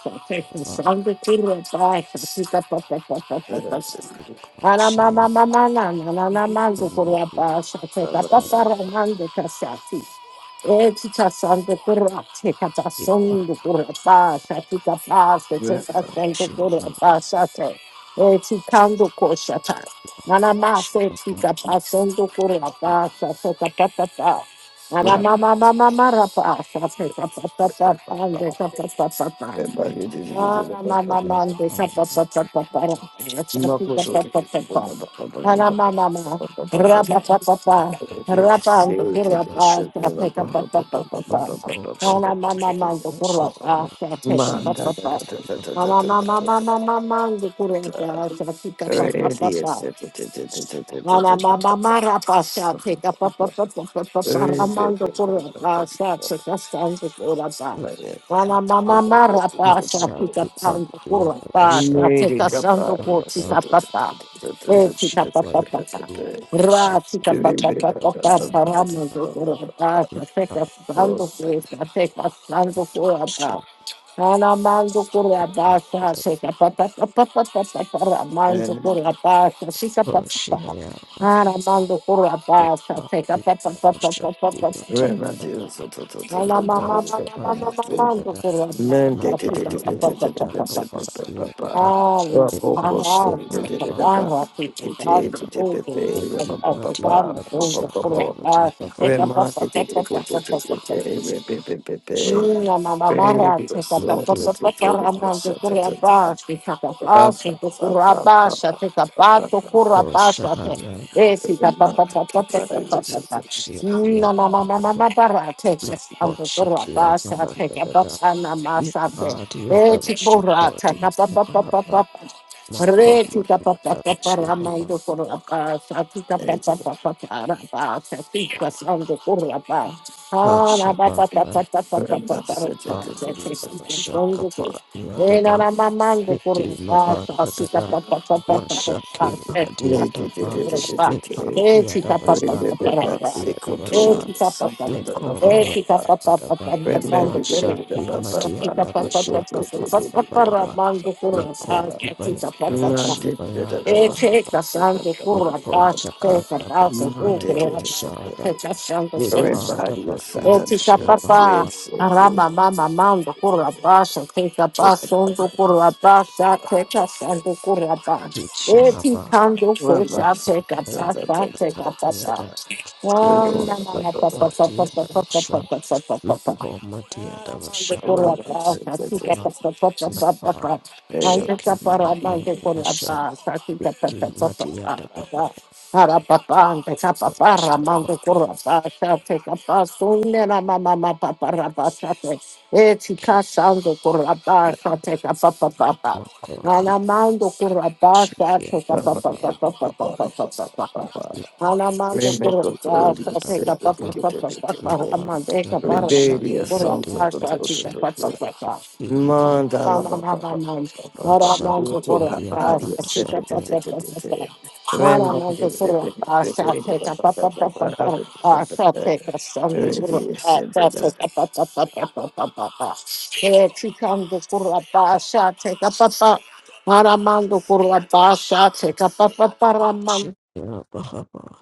Speaker 4: not
Speaker 1: Sound the Tirabas, Sita Papa Papa Papa. Ana
Speaker 4: say I
Speaker 1: mama mama na na na na mando kurapa shate kapa para mando kasati. Eti kasando kurate kapa
Speaker 4: keep
Speaker 1: sondo kurapa shate kapa shate kasando
Speaker 4: shit
Speaker 1: kurapa shate. Eti kando koshata. Nana ma
Speaker 4: shit
Speaker 1: se tika pa sondo kurapa shate kapa kapa. Mama,
Speaker 4: not on
Speaker 2: Manda
Speaker 4: the cut the shit not not cold shit deep not shit not shit
Speaker 2: Radius.
Speaker 1: Ana mama mara pasa te ka pa pa pa pa pa pa pa ramando kura pasa te ka santo kura pa.
Speaker 4: not
Speaker 1: Ana mama mara
Speaker 4: not
Speaker 1: pasa te
Speaker 4: shot
Speaker 1: ka
Speaker 4: the part
Speaker 1: santo
Speaker 4: the other
Speaker 1: kura
Speaker 4: was
Speaker 1: pasa
Speaker 4: shot
Speaker 1: te ka
Speaker 2: Medic
Speaker 4: not
Speaker 2: up,
Speaker 4: the
Speaker 1: santo
Speaker 2: ah,
Speaker 4: one
Speaker 1: kura
Speaker 4: the
Speaker 2: yes.
Speaker 1: pa
Speaker 4: not
Speaker 1: pa pa.
Speaker 4: cold
Speaker 1: E te ka
Speaker 4: shit by the other
Speaker 1: Ra te ka papa
Speaker 2: Remember,
Speaker 1: pa pa pa pa pa ramando kura pasa te ka santo kura te ka santo kura pa. Ana mando por la pasta, seca pa pa pa pa pa pa pa para mando por la pasta, seca pa
Speaker 4: yeah
Speaker 1: Ah, mando por la
Speaker 4: Mabadia Jakapadia Nikomshia Mahabada Eki Madia Nabashako Madia
Speaker 1: Take up
Speaker 4: Vaishali Eki Koshahaya
Speaker 2: Everybody was
Speaker 4: Shiadia Nakoshikia Mahabada Nipadia Davashakodia Mahaba Makoma Davashimaba
Speaker 1: Retica Thank
Speaker 4: Rashabada Padia Davashakapadia Niki Mabanda Dada Masha Kim Hadia Daba Nipa Yadavasha Nipa Yadavasha Niko Maya Daba Masha Kim Madia Davasha Kapa Dabadaba Niko Dibaya
Speaker 1: you.
Speaker 4: Dabashi Baya Dabahaba
Speaker 1: Echeca santo curva
Speaker 4: Niko
Speaker 1: passa,
Speaker 4: Shaka
Speaker 1: checa passa,
Speaker 4: Daba
Speaker 1: curva
Speaker 4: Yadavashada
Speaker 1: checa santo
Speaker 4: Nipa
Speaker 1: cerca.
Speaker 4: Daba
Speaker 2: sat at
Speaker 4: Himoshia
Speaker 1: papá,
Speaker 4: Baba
Speaker 2: the
Speaker 1: araba mama mando curva passa, checa passa, onde
Speaker 2: yes,
Speaker 1: curva passa, checa santo curva passa.
Speaker 4: Kishahaba
Speaker 1: Echeca ando
Speaker 2: Mandala
Speaker 1: coxa, checa passa, checa passa.
Speaker 4: Yada
Speaker 1: Oh,
Speaker 4: Niko
Speaker 1: na na na pa pa
Speaker 4: Dibaba
Speaker 1: pa pa pa pa pa pa
Speaker 4: Yadavasha
Speaker 1: pa pa pa pa.
Speaker 4: Makomati Adavasha
Speaker 1: Ramande kurapa,
Speaker 4: Komati
Speaker 1: sasika pa pa pa pa pa pa
Speaker 4: Napa
Speaker 1: pa. Mande
Speaker 4: Shaki
Speaker 1: kapa
Speaker 4: Mahadya
Speaker 1: ramande
Speaker 4: Adavasha
Speaker 1: kurapa, sasika pa pa
Speaker 4: ki
Speaker 1: pa
Speaker 4: Mati
Speaker 1: pa pa
Speaker 4: Adavasha
Speaker 1: pa. Hara pa pa, ante kapa pa ramande kurapa, sasika pa sunne na ma ma ma pa pa rapa sate. E
Speaker 4: Yaki
Speaker 1: tika sando kurapa, sasika pa pa pa pa.
Speaker 4: Makoti
Speaker 1: Anamando kurapa,
Speaker 4: Ashiki
Speaker 1: sasika pa
Speaker 4: Abhakti
Speaker 1: pa pa pa pa pa pa pa pa pa. Anamando por
Speaker 4: Shapa
Speaker 1: la teca papa
Speaker 4: Adavadava
Speaker 1: papa papa
Speaker 4: Napandi
Speaker 1: amandeca para amando
Speaker 4: Adavasha ki
Speaker 1: por la
Speaker 4: Mati
Speaker 1: pasta chica
Speaker 4: Adavasha
Speaker 1: papa papa
Speaker 4: Ima
Speaker 1: Anamamamamam
Speaker 4: Masha
Speaker 1: Aramando por la
Speaker 4: Komati
Speaker 1: pasta
Speaker 4: Adavasha
Speaker 1: chica
Speaker 4: Daya
Speaker 1: papa papa papa Aramando por la pasta teca papa papa papa pasta teca sangue por la pasta teca papa papa papa papa Eh, chicando por la pasta teca papa Aramando por la pasta teca papa para
Speaker 4: Shiki Abhava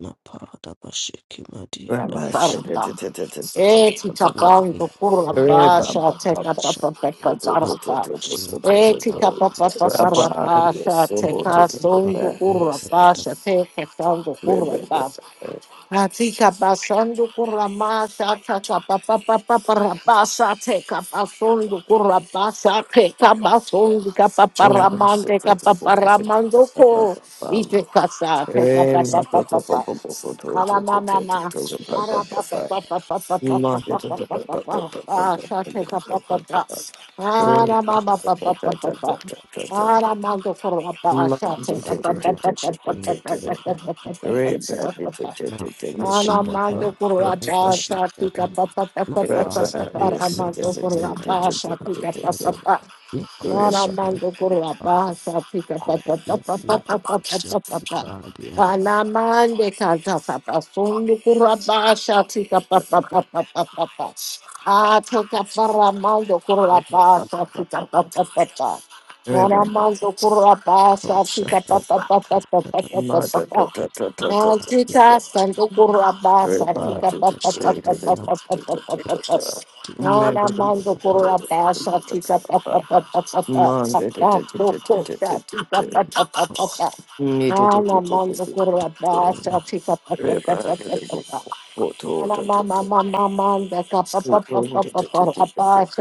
Speaker 4: Napa Adavasha Kimati
Speaker 2: Rabba
Speaker 4: Adavasha
Speaker 2: shede
Speaker 1: Barata.
Speaker 2: te te te te te te te
Speaker 1: Eti
Speaker 2: Rabba.
Speaker 1: tapang
Speaker 4: Yaki
Speaker 1: to pura
Speaker 4: Abhava
Speaker 2: Reba
Speaker 1: basha
Speaker 2: ba ba
Speaker 1: teka
Speaker 2: ba.
Speaker 1: pa pa pa pa
Speaker 2: To to to
Speaker 1: tarapa.
Speaker 2: to to to to
Speaker 4: Shama
Speaker 2: to to
Speaker 1: Eti tapa
Speaker 2: to.
Speaker 1: pa pa pa
Speaker 4: Thank you.
Speaker 2: Rabba
Speaker 1: rapa sha
Speaker 2: yeso te
Speaker 1: teka
Speaker 2: te te
Speaker 1: son
Speaker 2: te.
Speaker 1: pura
Speaker 2: Yes, te
Speaker 1: basha
Speaker 2: te.
Speaker 1: teka
Speaker 2: Reba ba
Speaker 1: son
Speaker 2: ba.
Speaker 1: Atika basando kuramasa tata papa papa parabasa teka basondo kurabasa teka basondo kapa
Speaker 2: Rabba
Speaker 1: paramande
Speaker 2: shede te
Speaker 1: kapa
Speaker 2: te te te te te
Speaker 1: paramando
Speaker 2: Rabba
Speaker 1: ko
Speaker 2: ba ba.
Speaker 1: ite kasa teka papa
Speaker 2: Rema to
Speaker 1: papa
Speaker 2: to po
Speaker 1: papa
Speaker 2: po po po to
Speaker 1: ala
Speaker 2: to to
Speaker 1: mama
Speaker 2: to to
Speaker 1: ma
Speaker 2: to Rabba ba
Speaker 1: ara
Speaker 2: ba
Speaker 1: papa
Speaker 2: ba.
Speaker 1: papa papa papa
Speaker 2: Ma te te te
Speaker 1: papa
Speaker 2: ba ba ba
Speaker 1: papa
Speaker 2: ba ba ba
Speaker 1: papa teka
Speaker 2: ba
Speaker 1: papa
Speaker 2: ba ba
Speaker 1: papa
Speaker 2: ba.
Speaker 1: ara
Speaker 2: Reba
Speaker 1: mama
Speaker 2: te te
Speaker 1: papa papa
Speaker 2: te te
Speaker 1: papa
Speaker 2: te te te te.
Speaker 1: Ara mando
Speaker 2: Ma
Speaker 1: kurabasa
Speaker 2: te
Speaker 1: teka
Speaker 2: te te
Speaker 1: papa
Speaker 2: te te
Speaker 1: papa
Speaker 2: te te
Speaker 1: papa
Speaker 2: te.
Speaker 1: papa
Speaker 2: Rebecca,
Speaker 1: papa papa Alamando por la paz, tica pa pa pa pa pa pa pa, alamando por la paz, tica pa pa pa. Aramango Kuraba, Sapika, Papa, Papa, Papa, Papa, Papa. Anamande Kata, Papa, Sundu Kuraba, Sapika, Papa, Papa, Papa, Papa. Atoka Paramando Kuraba, Sapika, Papa, Papa. Paramando Kuraba, Sapika, Papa, Papa, Papa, Papa, Papa. Maltika, Sandu Kuraba, Sapika, Papa, Papa, Papa, Papa, Papa, Papa. No, la mando por la pasa, chica, pa, pa, pa, pa, pa, pa, pa, pa, tu, tu, ta, chica, pa, pa, pa, pa, pa. No, la mando por la pasa, chica, pa, pa, pa, pa, pa, pa, pa. Ah, pica pa pa pa pa pa pa pa pa pa pa pa pa
Speaker 2: Rabba,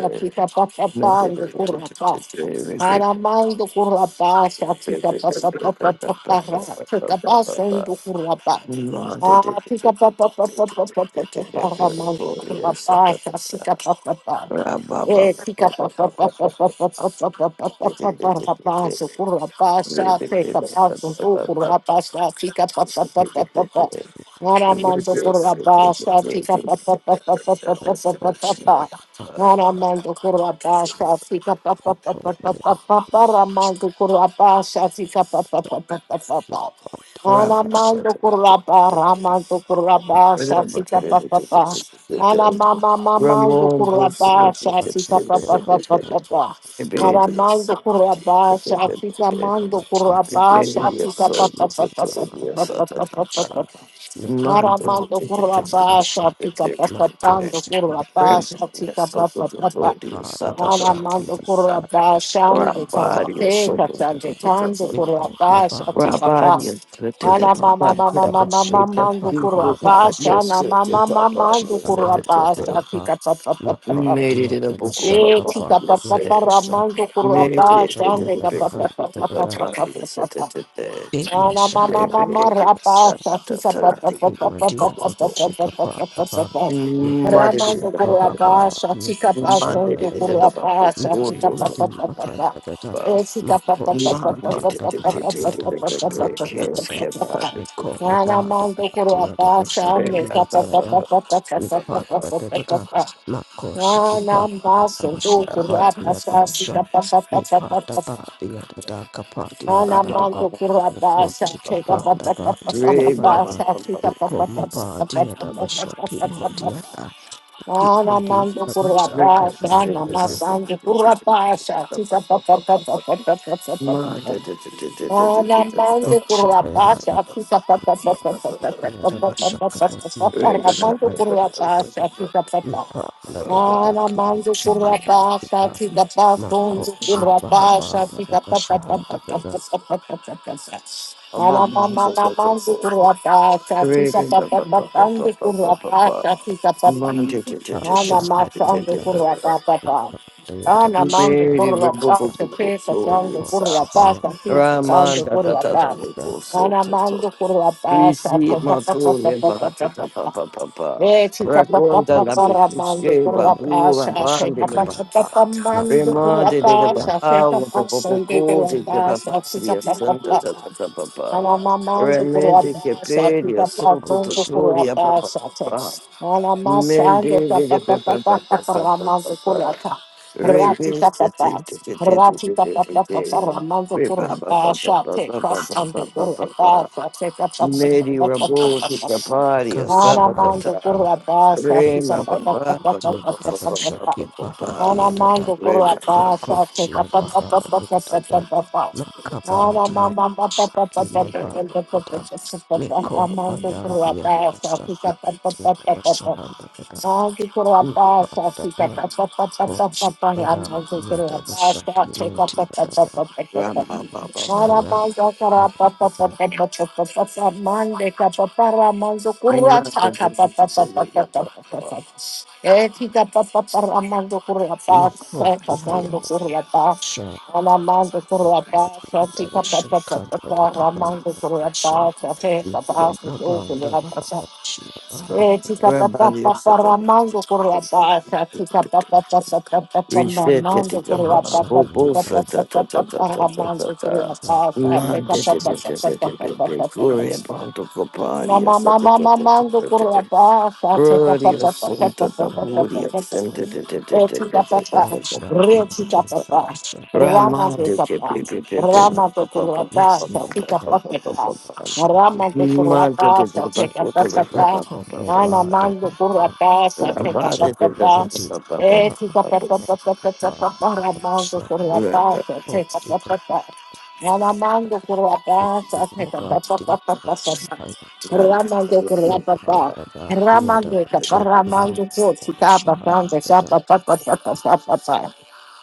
Speaker 1: pa pa pa Ramando Anamando kuraba, ramando kuraba,
Speaker 2: Ramon
Speaker 1: shatita papa papa. Anamama mamando kuraba,
Speaker 2: also
Speaker 1: shatita papa
Speaker 2: Rabbi, it's
Speaker 1: papa papa.
Speaker 2: a
Speaker 1: Anamando kuraba, shatita mando kuraba, shatita papa papa papa papa papa papa. Marabando kurwa
Speaker 4: Not
Speaker 1: basha, tika papa pando
Speaker 4: coach to
Speaker 1: kurwa
Speaker 4: be
Speaker 1: basha, tika papa papa.
Speaker 4: Bada bashaki,
Speaker 1: Maramando kurwa basha,
Speaker 4: bashaki,
Speaker 1: ande kapa
Speaker 4: bashaki,
Speaker 1: peka,
Speaker 4: bada,
Speaker 1: ande kando
Speaker 4: yeko,
Speaker 1: kurwa
Speaker 4: bada,
Speaker 1: basha,
Speaker 4: bada,
Speaker 1: tika
Speaker 4: bada,
Speaker 1: bas. Ana mama
Speaker 4: yepandi,
Speaker 1: mama
Speaker 4: bada,
Speaker 1: mama mama
Speaker 4: bashaki,
Speaker 1: ando
Speaker 4: pandi,
Speaker 1: kurwa
Speaker 2: beautiful
Speaker 4: bada,
Speaker 2: part.
Speaker 1: basha,
Speaker 2: You're
Speaker 4: bashaki,
Speaker 1: ana
Speaker 2: such a
Speaker 1: mama mama
Speaker 2: proper
Speaker 1: ando
Speaker 2: person
Speaker 4: yepashikaya,
Speaker 1: kurwa
Speaker 2: to
Speaker 4: bada,
Speaker 2: do.
Speaker 1: basha,
Speaker 4: bada,
Speaker 1: tika papa papa.
Speaker 2: Made
Speaker 4: mahadi,
Speaker 2: it a
Speaker 4: bada,
Speaker 2: book
Speaker 4: bashaka,
Speaker 1: Eti
Speaker 2: papa. Yes,
Speaker 4: pandi, bada,
Speaker 2: sir.
Speaker 4: bashaki,
Speaker 1: kapapaparamando
Speaker 2: Made
Speaker 4: yeko,
Speaker 1: kurapa
Speaker 2: it
Speaker 4: bada,
Speaker 1: shande
Speaker 2: a
Speaker 4: bada,
Speaker 2: big look
Speaker 4: bada,
Speaker 2: to
Speaker 4: bada,
Speaker 2: papa. Yes, sir.
Speaker 1: kapapapapapapapapa. Ana mama
Speaker 4: bimashahaya,
Speaker 1: mama
Speaker 2: Rebellion,
Speaker 1: rapa shati
Speaker 2: satatati,
Speaker 4: Imadia
Speaker 2: babaho.
Speaker 4: Babashika Padaba
Speaker 1: kapapapapapapapapapapapapa.
Speaker 2: Mother,
Speaker 4: Niposhia
Speaker 1: Ramando
Speaker 2: babaho.
Speaker 1: kurapa
Speaker 4: Bahaba
Speaker 1: shati
Speaker 2: Mother,
Speaker 4: Yabashanda
Speaker 1: kapasongo
Speaker 4: Dada
Speaker 2: babaho.
Speaker 1: kurapa shati
Speaker 4: Niki
Speaker 2: Oto, to,
Speaker 4: Madi
Speaker 1: kapapapapapa.
Speaker 4: Bakanda Dada
Speaker 2: papa.
Speaker 1: Eti
Speaker 4: Mako Shiki
Speaker 2: Mande, te,
Speaker 4: Pada
Speaker 2: te, te, te,
Speaker 4: Badia
Speaker 2: te, te, te, te,
Speaker 4: Dabashahanda Dada
Speaker 2: keske,
Speaker 1: kapapapapapapapapapapapapapapapapapa.
Speaker 2: bade,
Speaker 4: Niko
Speaker 2: bubu.
Speaker 1: Ana
Speaker 4: Mabada
Speaker 1: mando
Speaker 4: Badia
Speaker 1: kurapa
Speaker 4: Dabashaki
Speaker 1: shande
Speaker 2: Reba, ba, ba,
Speaker 4: Madia
Speaker 2: ba, ba, ba, ba, ba, ba, ba, ba, ba, ba,
Speaker 4: Mipadadadada,
Speaker 1: kapapapapapapapapapapapa.
Speaker 4: Makoshikipad,
Speaker 1: Anambasundu
Speaker 4: Avashikapad,
Speaker 1: kurapa sasi
Speaker 4: Yadavasha,
Speaker 1: kapa kapa kapa kapa.
Speaker 4: Mipadada, Yadada, Kapad, Yadabadaba,
Speaker 1: Anambandu kurapa
Speaker 2: ba,
Speaker 1: sasi
Speaker 4: Mikoshikipad,
Speaker 1: kapa kapa
Speaker 4: Labad,
Speaker 1: kapa
Speaker 2: ba, ba,
Speaker 1: kapa
Speaker 4: Yadabadaba,
Speaker 2: ba,
Speaker 1: sasi
Speaker 2: ba.
Speaker 1: kapa kapa kapa
Speaker 4: Mikomabad, Yadavasha,
Speaker 1: kapa kapa kapa.
Speaker 4: Kimodiada, Kipadi,
Speaker 1: Anambandu
Speaker 4: Yadavasha,
Speaker 2: Raman,
Speaker 1: kurapa
Speaker 4: Kapad,
Speaker 1: sana
Speaker 4: Yadaba,
Speaker 1: masandu kurapa sasi kapa kapa kapa kapa kapa kapa. Anambandu kurapa
Speaker 4: Roshapayada,
Speaker 1: sasi kapa kapa kapa kapa kapa kapa
Speaker 4: Yadavasha, Kapad,
Speaker 1: kapa.
Speaker 4: Yadavasha,
Speaker 1: Anambandu kurapa
Speaker 4: Yadada,
Speaker 1: sasi kapa kapa
Speaker 4: Mipadada, Yadada,
Speaker 1: mando mando
Speaker 4: Kimoshi,
Speaker 1: kurra pasha
Speaker 4: Yadada,
Speaker 1: ti da pasun
Speaker 4: Makoshi,
Speaker 1: kurra
Speaker 4: Bahava,
Speaker 1: pasha ti da pa pa pa
Speaker 4: Yadavasha,
Speaker 1: pa pa
Speaker 4: Yadada,
Speaker 1: pa pa pa pa pa pa. pa Aramando
Speaker 2: so
Speaker 1: kurapa shati kapa kunzu pa shati kapa kapa kapa kapa kapa kapa kapa. Aramama manzu kurapa shati kapa kapa
Speaker 4: Mikko,
Speaker 1: kandu kurapa shati kapa kapa. Aramama sandu kurapa kapa. Aramando kurapa mando kapa sandu kurapa shati kapa sandu kurapa. Aramando pa pa
Speaker 2: Risi
Speaker 1: pa
Speaker 2: matore
Speaker 1: pa pa
Speaker 2: bate
Speaker 1: pa
Speaker 2: ta pa
Speaker 1: pa.
Speaker 2: pa pa pa.
Speaker 1: Eh, chica, pa, pa,
Speaker 2: Racconta
Speaker 1: pa,
Speaker 2: la
Speaker 1: pa, ramando,
Speaker 2: picusche
Speaker 1: curra,
Speaker 2: babura
Speaker 1: pasa,
Speaker 2: bande
Speaker 1: chica,
Speaker 2: le
Speaker 1: pa, pa, pa,
Speaker 2: pa.
Speaker 1: pa, mando, curra,
Speaker 2: Remode de le pa
Speaker 1: pasa, chica, pa,
Speaker 2: po
Speaker 1: sende, curra,
Speaker 2: de te pa
Speaker 1: pasa, chica,
Speaker 2: di
Speaker 1: pa, pa,
Speaker 2: santa
Speaker 1: pa,
Speaker 2: ta ta
Speaker 1: ana, mamando, curra,
Speaker 2: Remende che
Speaker 1: pasa,
Speaker 2: pedi
Speaker 1: chica, pa,
Speaker 2: sotto
Speaker 1: fondo, curra,
Speaker 2: tutori a pa pa
Speaker 1: pasa,
Speaker 2: pa.
Speaker 1: chica, ana, masando,
Speaker 2: Mende
Speaker 1: pa,
Speaker 2: de
Speaker 1: pa,
Speaker 2: le
Speaker 1: pa,
Speaker 2: pa
Speaker 1: pa,
Speaker 2: pa
Speaker 1: pa,
Speaker 2: pa
Speaker 1: pa,
Speaker 2: pa
Speaker 1: pa, ramando, curra, pa, ratita, pa,
Speaker 2: Rebeste te
Speaker 1: pa,
Speaker 2: te te te te te
Speaker 1: ratita,
Speaker 2: te
Speaker 1: pa,
Speaker 2: te
Speaker 1: pa, pa, pa, ramando,
Speaker 2: Re pa
Speaker 1: curra,
Speaker 2: pa pa pa
Speaker 1: pasa,
Speaker 2: pa pa
Speaker 1: chica, sende, curra, pasa, chica, pa, pa,
Speaker 2: Mary
Speaker 1: pa, pa, pa, pa,
Speaker 2: Rabo
Speaker 1: pa,
Speaker 2: to
Speaker 1: pa,
Speaker 2: the party, a
Speaker 1: Ana mando
Speaker 2: satata.
Speaker 1: kurabasa kisa
Speaker 2: Rena
Speaker 1: pa pa pa
Speaker 2: papa,
Speaker 1: pa pa
Speaker 2: papa,
Speaker 1: pa pa
Speaker 2: papa,
Speaker 1: pa pa pa.
Speaker 2: papa, papa,
Speaker 1: Ana mando
Speaker 2: Reba, papa,
Speaker 1: kurabasa kisa pa pa pa pa pa pa pa pa pa. Ana mama pa pa pa pa pa pa pa
Speaker 2: papa,
Speaker 1: pa pa pa pa pa. Ana mando kurabasa kisa pa pa pa pa pa pa. Mando kurabasa kisa pa pa pa pa pa pa pa. Ana
Speaker 4: Koshibaya
Speaker 1: mando kurabasa kisa pa
Speaker 4: Yadavashaki
Speaker 1: pa
Speaker 4: Media
Speaker 1: pa pa pa
Speaker 2: Ramba,
Speaker 4: Shaya
Speaker 1: Marabaza kara pa pa pa pa
Speaker 4: Adada
Speaker 1: pa pa pa pa pa mande ka para pa ramanzo kurata ka pa pa pa pa pa pa pa pa pa
Speaker 2: papa,
Speaker 1: eti ka pa pa pa ramanzo kurata
Speaker 4: Miko
Speaker 1: pa pa
Speaker 4: Sihaya
Speaker 1: ramanzo kurata
Speaker 4: Sha
Speaker 1: ramanzo kurata pa ti ka pa pa pa
Speaker 4: Davashaka
Speaker 1: pa pa
Speaker 4: Dadava
Speaker 1: ramanzo
Speaker 4: Sha
Speaker 1: kurata pa te pa
Speaker 4: Miko Maba Davaba Shia
Speaker 1: Eh, chica pa
Speaker 2: Reba,
Speaker 1: pa pa pa ramando por la pasa, chica pa pa pa pa pa pa pa
Speaker 2: Reset
Speaker 1: ramando
Speaker 2: it,
Speaker 1: por la
Speaker 2: papa,
Speaker 1: pasa,
Speaker 4: Shami
Speaker 2: Obo,
Speaker 1: chica pa
Speaker 4: Maba
Speaker 1: pa
Speaker 2: satata,
Speaker 1: pa pa pa ramando por la pasa,
Speaker 4: Yadavasha
Speaker 1: chica pa pa pa pa pa pa pa
Speaker 2: non-detective
Speaker 1: pa pa
Speaker 2: glory
Speaker 1: pa.
Speaker 2: about the party or
Speaker 1: Mama,
Speaker 2: such
Speaker 1: mama, mama, do curaba, take a
Speaker 2: Glory of
Speaker 1: papa, papa,
Speaker 2: Santa, the
Speaker 1: papa,
Speaker 2: glory
Speaker 1: papa,
Speaker 2: of
Speaker 1: papa,
Speaker 2: Santa, the the the the the
Speaker 1: etika
Speaker 2: the the the the
Speaker 1: papa,
Speaker 2: the
Speaker 4: Matsha
Speaker 2: the the
Speaker 1: retika
Speaker 4: Yadi
Speaker 1: papa,
Speaker 4: Davasha Maba
Speaker 1: rama
Speaker 2: Raman,
Speaker 1: de
Speaker 2: the the
Speaker 1: papa,
Speaker 2: the the the the
Speaker 4: Davasha
Speaker 1: rama
Speaker 2: the the the the
Speaker 1: de
Speaker 4: Miki
Speaker 1: curaba, take a
Speaker 4: Maba
Speaker 1: papa,
Speaker 4: Yadavashaki
Speaker 1: rama de
Speaker 2: Man, the the the
Speaker 1: curaba,
Speaker 2: back
Speaker 1: take a
Speaker 2: of the the the the
Speaker 1: papa,
Speaker 4: Miko
Speaker 2: the
Speaker 1: nana
Speaker 4: Maba
Speaker 1: mando
Speaker 4: Davaba
Speaker 1: curaba,
Speaker 2: the
Speaker 1: take a
Speaker 2: Raman, the
Speaker 1: papa,
Speaker 4: Matsha
Speaker 2: the the the the the
Speaker 4: Yadi
Speaker 2: the
Speaker 4: Davaba
Speaker 1: etika papa, papa, papa, papa, rama de
Speaker 2: the
Speaker 1: curaba, take
Speaker 4: Forty
Speaker 1: a papa, nana mando curaba, take a papa,
Speaker 4: Bhakti
Speaker 1: papa, papa,
Speaker 4: Shaya
Speaker 1: Ramando
Speaker 2: Raman, the
Speaker 1: Kurapapa,
Speaker 4: Nipada Variada
Speaker 1: Ramando
Speaker 2: the
Speaker 4: Shakti Mata
Speaker 1: Kaparamando Kotsikapa, Santa
Speaker 4: Shada
Speaker 1: Sapa, Papa, Papa, Papa,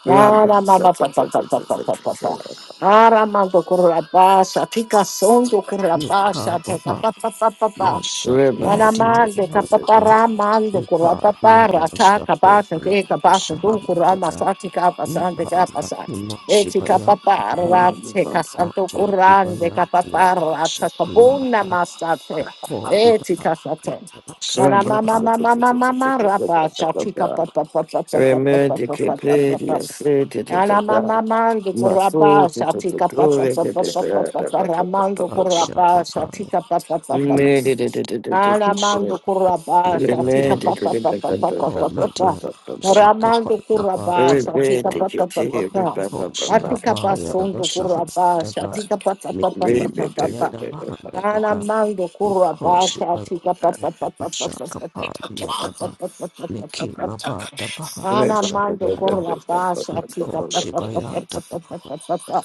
Speaker 2: the
Speaker 1: Nara
Speaker 2: Raman, sa
Speaker 1: Mama,
Speaker 2: sa
Speaker 1: Papa,
Speaker 2: sa
Speaker 1: Papa,
Speaker 2: sa sa sa
Speaker 1: Papa,
Speaker 2: sa
Speaker 1: Papa.
Speaker 2: Raman, sa
Speaker 1: Aramando Kurapasa, Tika Sondo Kurapasa, Papa,
Speaker 4: Nikabha
Speaker 1: Papa, Papa.
Speaker 4: Masha
Speaker 2: Ra- ba- sa sa
Speaker 4: Vihadiya
Speaker 2: sa
Speaker 1: Anamando,
Speaker 2: sa
Speaker 4: Vandada
Speaker 1: Capaparamando,
Speaker 4: Nipadiya
Speaker 1: Kurapapara, Taka, Basan,
Speaker 4: Vashapodiya
Speaker 1: Keka, Basan, Kurama,
Speaker 4: Vashahadada
Speaker 1: Sati,
Speaker 4: Nipada
Speaker 1: Kapasante,
Speaker 4: Hima
Speaker 1: Eti
Speaker 4: Shivaya Dhaya
Speaker 1: kapapara
Speaker 2: sa-
Speaker 1: te
Speaker 2: sa.
Speaker 1: kasanto
Speaker 4: Mako
Speaker 1: kurande
Speaker 4: Ibaya
Speaker 1: kapapara ta
Speaker 4: Yadavashakti
Speaker 1: kabuna
Speaker 4: Mata
Speaker 1: masate.
Speaker 4: Ko
Speaker 1: Eti
Speaker 4: Ibaha
Speaker 1: kasate.
Speaker 2: Remedy,
Speaker 1: Kana
Speaker 4: Yadavashakti
Speaker 1: mama
Speaker 4: Bhakti
Speaker 1: mama mama mama rapa chachika pa pa pa pa pa pa pa pa pa pa pa Ana mama mando kurapa chachika pa pa pa pa pa pa
Speaker 4: Shapavaya
Speaker 1: ramando kurapa
Speaker 4: Masha
Speaker 1: chachika pa pa
Speaker 4: Nicole Madia
Speaker 1: Ramando
Speaker 4: Shikapanda Badia
Speaker 1: Kurabasa, Tita
Speaker 4: Daba
Speaker 1: Papa Papa Papa Papa Papa. Ramando Kurabasa, Tita Papa Papa Papa.
Speaker 4: Hoshi
Speaker 1: Matika
Speaker 4: Habaya Daba
Speaker 1: pasondo
Speaker 4: Shahan
Speaker 1: kurabasha.
Speaker 4: Daba
Speaker 1: Tika pata papa
Speaker 4: Miki
Speaker 1: papa
Speaker 4: Madia
Speaker 1: papa.
Speaker 4: Daba Handa
Speaker 1: Ana
Speaker 4: Daba
Speaker 1: mando kurwa
Speaker 4: Nicole
Speaker 1: basha
Speaker 4: Shibaya
Speaker 1: tika pa pa pa
Speaker 4: Daba
Speaker 1: pa pa pa
Speaker 4: Shakapadia
Speaker 1: pa pa
Speaker 4: Daba
Speaker 1: pa pa pa pa pa
Speaker 4: Miki
Speaker 1: pa pa pa.
Speaker 4: Maba
Speaker 1: pa.
Speaker 4: Daba Haba
Speaker 1: Ana mando
Speaker 4: Shakia Daba
Speaker 1: kurwa basha tika
Speaker 4: Nicole
Speaker 1: pa pa pa pa
Speaker 4: Shibaya
Speaker 1: pa pa
Speaker 4: Daba
Speaker 1: pa pa pa pa.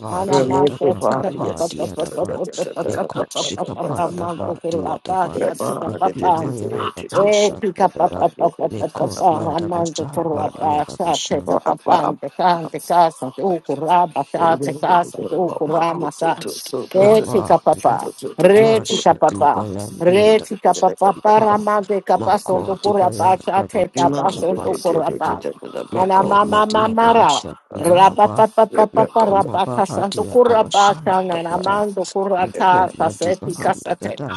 Speaker 4: Ba
Speaker 1: Ana
Speaker 4: dia da
Speaker 2: Remove the
Speaker 1: masha
Speaker 4: ba
Speaker 1: tika
Speaker 2: body.
Speaker 1: pa
Speaker 4: kapa
Speaker 1: pa
Speaker 2: Yes.
Speaker 1: pa
Speaker 4: dia
Speaker 1: pa
Speaker 4: da
Speaker 1: pa pa
Speaker 4: ba
Speaker 1: pa
Speaker 4: le
Speaker 1: pa pa
Speaker 4: ko
Speaker 1: pa pa
Speaker 4: shi
Speaker 1: pa pa.
Speaker 4: kapa
Speaker 1: Ana
Speaker 4: da ba
Speaker 1: mando
Speaker 4: dia
Speaker 1: kurwa
Speaker 4: da ba
Speaker 1: basha tika
Speaker 4: le
Speaker 1: pa
Speaker 4: ki
Speaker 1: pa.
Speaker 4: maya da ba
Speaker 1: Eh
Speaker 4: sha
Speaker 1: tika
Speaker 4: da
Speaker 1: pa
Speaker 4: da
Speaker 1: pa pa pa
Speaker 4: le
Speaker 1: pa pa
Speaker 4: ko
Speaker 1: pa.
Speaker 4: dia
Speaker 1: Ana
Speaker 4: da ba
Speaker 1: mando
Speaker 4: sha ba
Speaker 1: kurwa
Speaker 4: dia da ba
Speaker 1: basha
Speaker 4: sha
Speaker 1: tika pa pa. Tika tika sa tu kurwa basha
Speaker 2: Remove
Speaker 1: tika sa tu kurwa
Speaker 4: ka
Speaker 1: Re
Speaker 4: ba
Speaker 1: Reti
Speaker 4: ya
Speaker 1: kapapa,
Speaker 4: ma
Speaker 1: reti
Speaker 4: sha di ba
Speaker 1: kapapa,
Speaker 4: ya dia da
Speaker 1: reti kapapa,
Speaker 4: ki pa
Speaker 1: paramande kapasondo
Speaker 4: di ba
Speaker 1: kurapa,
Speaker 4: da ba
Speaker 1: chate
Speaker 4: sha ki
Speaker 1: kapasondo
Speaker 4: da da da
Speaker 1: kurapa.
Speaker 4: le
Speaker 1: Ana
Speaker 4: ma
Speaker 1: mama
Speaker 4: dia da ba
Speaker 1: mamara,
Speaker 4: sha ma
Speaker 1: rapa
Speaker 4: ba
Speaker 1: papa papa
Speaker 4: le ma
Speaker 1: parapa
Speaker 4: ba
Speaker 1: kasanto
Speaker 4: dia da ba
Speaker 1: kurapa,
Speaker 4: sha da
Speaker 1: kana
Speaker 4: da da
Speaker 1: namando
Speaker 4: Niko
Speaker 1: kurata,
Speaker 4: Madiba
Speaker 1: kaseti
Speaker 4: Handa
Speaker 1: kasate.
Speaker 4: Dada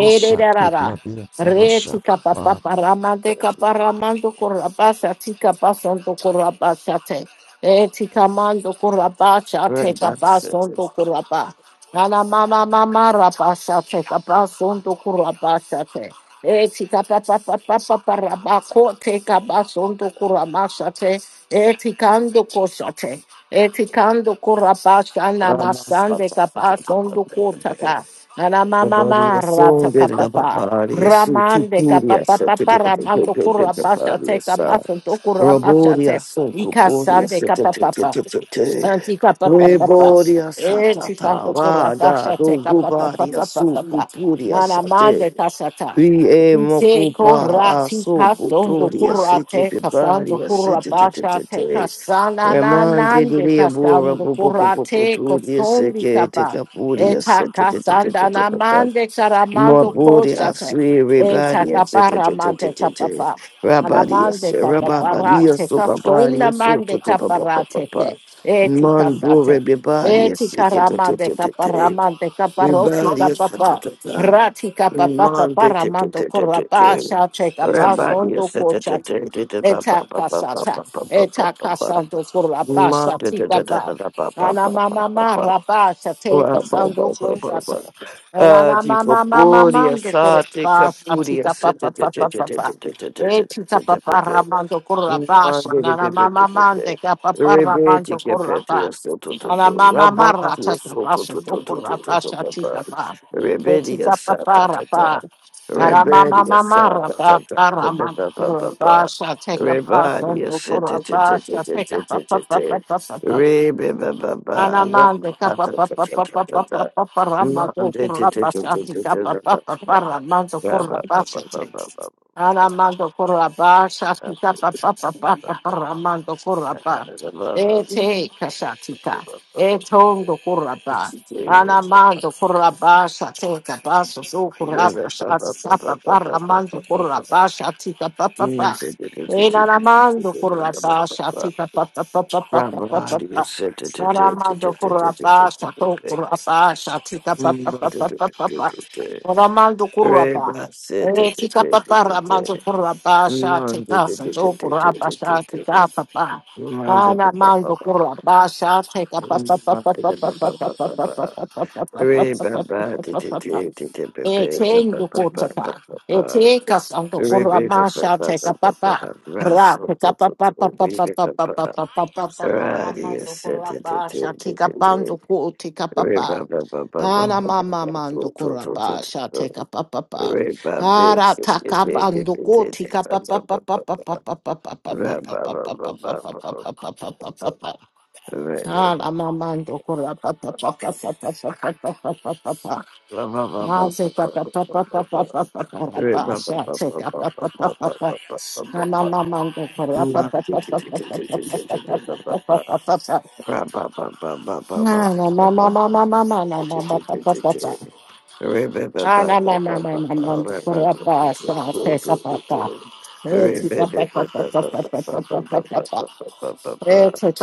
Speaker 4: Mishaki Madia
Speaker 1: Re
Speaker 4: Dabashaka
Speaker 1: tika
Speaker 4: Pa,
Speaker 1: papa paramante kaparamando korabasa tika pasonto korabasa te. E tika mando korabasa te kapasonto koraba. Nana mama mama rabasa te kapasonto korabasa te. Eti kapa pa pa pa pa pa rabako te kabasondo kuramasate. Eti kando kosate. Eti kando kurabasha na masande kabasondo kotata. Nana
Speaker 2: The
Speaker 1: mama
Speaker 2: body
Speaker 1: mara
Speaker 2: was
Speaker 1: marata
Speaker 2: soon in the
Speaker 1: kapapa.
Speaker 2: body, so to
Speaker 1: Ramande
Speaker 2: Puria
Speaker 1: kapapa papa
Speaker 2: separated the
Speaker 1: ramando
Speaker 2: Yopian
Speaker 1: kurabasha te
Speaker 2: Paria, sir.
Speaker 1: kabasondo kurabasha te.
Speaker 2: Roboria so Cuporia
Speaker 1: Ikasande kapapa.
Speaker 2: separated.
Speaker 1: Santi kapa pa pa pa.
Speaker 2: Reboria
Speaker 1: Eti
Speaker 2: satata,
Speaker 1: kando kurabasha
Speaker 2: Rada,
Speaker 1: te kapapa pa
Speaker 2: Dogubaria
Speaker 1: pa pa
Speaker 2: so
Speaker 1: pa.
Speaker 2: Cupuria
Speaker 1: Nana
Speaker 2: sate.
Speaker 1: mande kasata.
Speaker 2: We a
Speaker 1: Nse
Speaker 2: mokupa, a
Speaker 1: korati
Speaker 2: so
Speaker 1: kasondo
Speaker 2: Cutoria city,
Speaker 1: kurate kasando
Speaker 2: Piparia
Speaker 1: kurabasha te
Speaker 2: city.
Speaker 1: kasana na
Speaker 2: Remanded
Speaker 1: nande
Speaker 2: me a bora,
Speaker 1: kasando kurate
Speaker 2: Pupupuputuria,
Speaker 1: kosondi
Speaker 2: Seke,
Speaker 1: kaba
Speaker 2: Tekapuria,
Speaker 1: eta kasanda na mande karamando
Speaker 2: Maburi
Speaker 1: koshate
Speaker 2: asiri
Speaker 1: eta
Speaker 2: rebari asete
Speaker 1: kapara
Speaker 2: te te te
Speaker 1: mande
Speaker 2: te te
Speaker 1: kapapa
Speaker 2: rabari
Speaker 1: anamande
Speaker 2: asete rabari
Speaker 1: kapaparate
Speaker 2: asopa bari
Speaker 1: kasunda
Speaker 2: asoto
Speaker 1: mande
Speaker 2: to pa pa pa pa
Speaker 1: kaparate
Speaker 2: pa
Speaker 1: te eti
Speaker 2: mando
Speaker 1: kasate
Speaker 2: rebari
Speaker 1: Eti
Speaker 2: asete te te
Speaker 1: karamande
Speaker 2: te te te
Speaker 1: kaparamande kaparopi
Speaker 2: rebari asete
Speaker 1: kapapa.
Speaker 2: te te
Speaker 1: Rati kapapa
Speaker 2: mande te te
Speaker 1: paramando
Speaker 2: te te te
Speaker 1: koraba
Speaker 2: te
Speaker 1: shache
Speaker 2: rabari
Speaker 1: kapasondo
Speaker 2: asete te
Speaker 1: kochata.
Speaker 2: te te te pa pa
Speaker 1: Eta
Speaker 2: pa pa pa
Speaker 1: kasata.
Speaker 2: pa pa pa pa
Speaker 1: Eta
Speaker 2: pa pa
Speaker 1: kasando koraba
Speaker 2: mande
Speaker 1: shati
Speaker 2: te te te
Speaker 1: kapa.
Speaker 2: te pa pa pa
Speaker 1: Ana
Speaker 2: pa
Speaker 1: mama
Speaker 2: pa pa
Speaker 1: mara ba shate
Speaker 2: Ba, ba, ba,
Speaker 1: kasando
Speaker 2: ba, ba,
Speaker 1: kochata.
Speaker 2: ba.
Speaker 1: Ana
Speaker 2: Ah, de
Speaker 1: mama mama
Speaker 2: Capúria,
Speaker 1: mando
Speaker 2: Sate,
Speaker 1: koraba shati
Speaker 2: Capúria,
Speaker 1: kapa pa pa pa pa pa. Eti kapa paramando koraba
Speaker 2: Mande de
Speaker 1: shana
Speaker 2: pe pe pe
Speaker 1: mama
Speaker 2: pe pe.
Speaker 1: mande kapa paramando
Speaker 2: Rebete que pete
Speaker 1: koraba.
Speaker 2: eu sou tu tu tu.
Speaker 1: Alamamamara
Speaker 2: Rabate eu
Speaker 1: tata
Speaker 2: sou tu
Speaker 1: pasha
Speaker 2: tu tu tu
Speaker 1: tokura
Speaker 2: tu tu tu tu
Speaker 1: pasha tika
Speaker 2: tu.
Speaker 1: pa.
Speaker 2: Rebete eu
Speaker 1: Tika pa
Speaker 2: sa ta
Speaker 1: para
Speaker 2: ta ta.
Speaker 1: pa
Speaker 2: Rebete eu sa
Speaker 1: Alamamamara
Speaker 2: ta ta
Speaker 1: pa
Speaker 2: ta
Speaker 1: para
Speaker 2: ta ta ta ta
Speaker 1: mantura
Speaker 2: ta ta.
Speaker 1: pasha tika
Speaker 2: Rebate
Speaker 1: pasha
Speaker 2: eu se
Speaker 1: tokura
Speaker 2: te te te te
Speaker 1: pasha
Speaker 2: te te
Speaker 1: tika pa,
Speaker 2: te
Speaker 1: pa
Speaker 2: te
Speaker 1: pa,
Speaker 2: te. Rebe ba ba ba. Rabate ta ta ta ta ta. Mande te te te te te te te
Speaker 1: pa
Speaker 2: ba ba ba ba
Speaker 1: pa.
Speaker 2: ba
Speaker 1: Take
Speaker 2: ba ba ba
Speaker 1: Aramando Corraba, Shakita Papa Papa,
Speaker 2: ba ba.
Speaker 1: Aramando Corraba,
Speaker 2: Mom,
Speaker 1: Ete Casatita, Etondo Corraba, Anamando Corraba, Shateka Basso, do Corraba, Shatapa, Aramando Corraba, Shatita Papa Papa, Enamando Corraba, Shatita Papa Papa Papa Papa, Aramando Corraba, Shato Corraba, Shatita Papa Papa Papa, Aramando Corraba. Tika papa ramazo kurapa sha tika sanjo kurapa sha tika papa. Kana mando kurapa sha tika papa papa papa papa papa papa papa papa
Speaker 2: Re ba
Speaker 1: papa
Speaker 2: ba ti
Speaker 1: papa
Speaker 2: ti
Speaker 1: papa
Speaker 2: ti ti ti pe pe ba ba
Speaker 1: Etengu
Speaker 2: ba ba ba
Speaker 1: kutaka.
Speaker 2: ba ba.
Speaker 1: Eteka santo
Speaker 2: Re
Speaker 1: kura
Speaker 2: ba ba ba
Speaker 1: masha teka
Speaker 2: ba ba ba
Speaker 1: papa.
Speaker 2: ba. Ra
Speaker 1: Ra
Speaker 2: so
Speaker 1: teka
Speaker 2: so so
Speaker 1: papa
Speaker 2: so.
Speaker 1: papa
Speaker 2: Re ba
Speaker 1: papa
Speaker 2: ba ba.
Speaker 1: papa papa papa
Speaker 2: Ra di ya
Speaker 1: ramando
Speaker 2: se di
Speaker 1: kura
Speaker 2: di di
Speaker 1: basha
Speaker 2: di
Speaker 1: tika
Speaker 2: di di.
Speaker 1: pando ku tika
Speaker 2: Re ba
Speaker 1: papa.
Speaker 2: ba ba ba ba
Speaker 1: Ana
Speaker 2: ba ba
Speaker 1: mama
Speaker 2: ba.
Speaker 1: mando
Speaker 2: So so
Speaker 1: kura
Speaker 2: so so
Speaker 1: basha
Speaker 2: so.
Speaker 1: teka papa papa.
Speaker 2: Re ba ba
Speaker 1: Ara
Speaker 2: se di
Speaker 1: taka
Speaker 2: di di
Speaker 1: bando
Speaker 2: di
Speaker 1: ku
Speaker 2: di di.
Speaker 1: tika
Speaker 2: Ba ba
Speaker 1: papa papa
Speaker 2: ba ba
Speaker 1: papa
Speaker 2: ba.
Speaker 1: papa papa papa
Speaker 2: Ra ba ba ba
Speaker 1: papa papa
Speaker 2: ba ba ba.
Speaker 1: papa
Speaker 2: ba
Speaker 1: papa
Speaker 2: ba
Speaker 1: papa.
Speaker 2: Re ba ba ba ba
Speaker 1: Ana mama mando kura papa papa papa papa papa papa.
Speaker 2: ba ba
Speaker 1: Mama,
Speaker 2: ba ba. ba. Remember,
Speaker 1: Take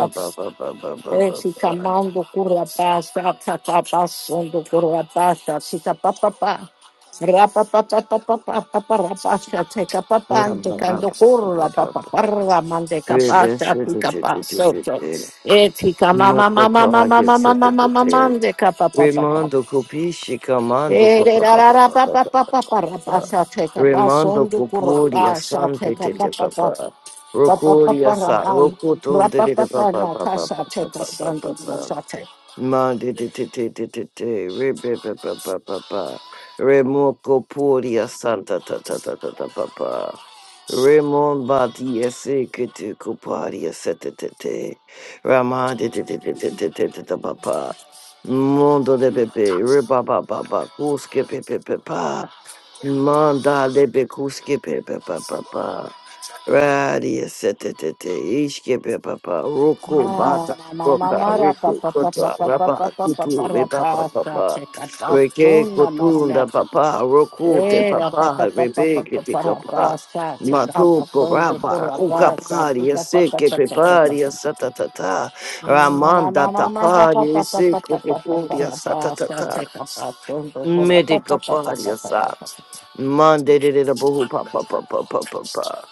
Speaker 1: up Esi kamando kurabasa, tatabasondo kurabasa, sita papapa. Rapa papa papa papa rapasa, teka papande kando kurla papa parla mande kapasa, tika pasoto. Eti kamama mama mama mama mama mama mande kapapa papa.
Speaker 2: copisci comando
Speaker 1: Take up
Speaker 2: papà.
Speaker 1: a
Speaker 2: Remando copuria sante tete papà. Rocoria sa rocotum de papà papà papà papà. Mandititititititi, ribibibababa, remocopodia santa ta ta ta ta ta ba ba remon tatatatapapa, remombadia secreticipadia setetete, ramandititititititititapapa, mondo de bebe, ribabababa, cusque pepepepa, manda de becusque pepepapa, Radia Setete Ishkebe Papa Roku Bata Roka Riku Kota Rapa Kutu Rebapa Papa Reke Kotunda Papa Roku Te Papa Rebeke Te Kapa Matu Koraba Ukapari Seke Pepari
Speaker 1: phone to
Speaker 2: Satatata
Speaker 1: Amen.
Speaker 2: Ramanda Tapari Seko Popodia Satatata Medica Paria Sa Monday Did It Papa Papa Papa Papa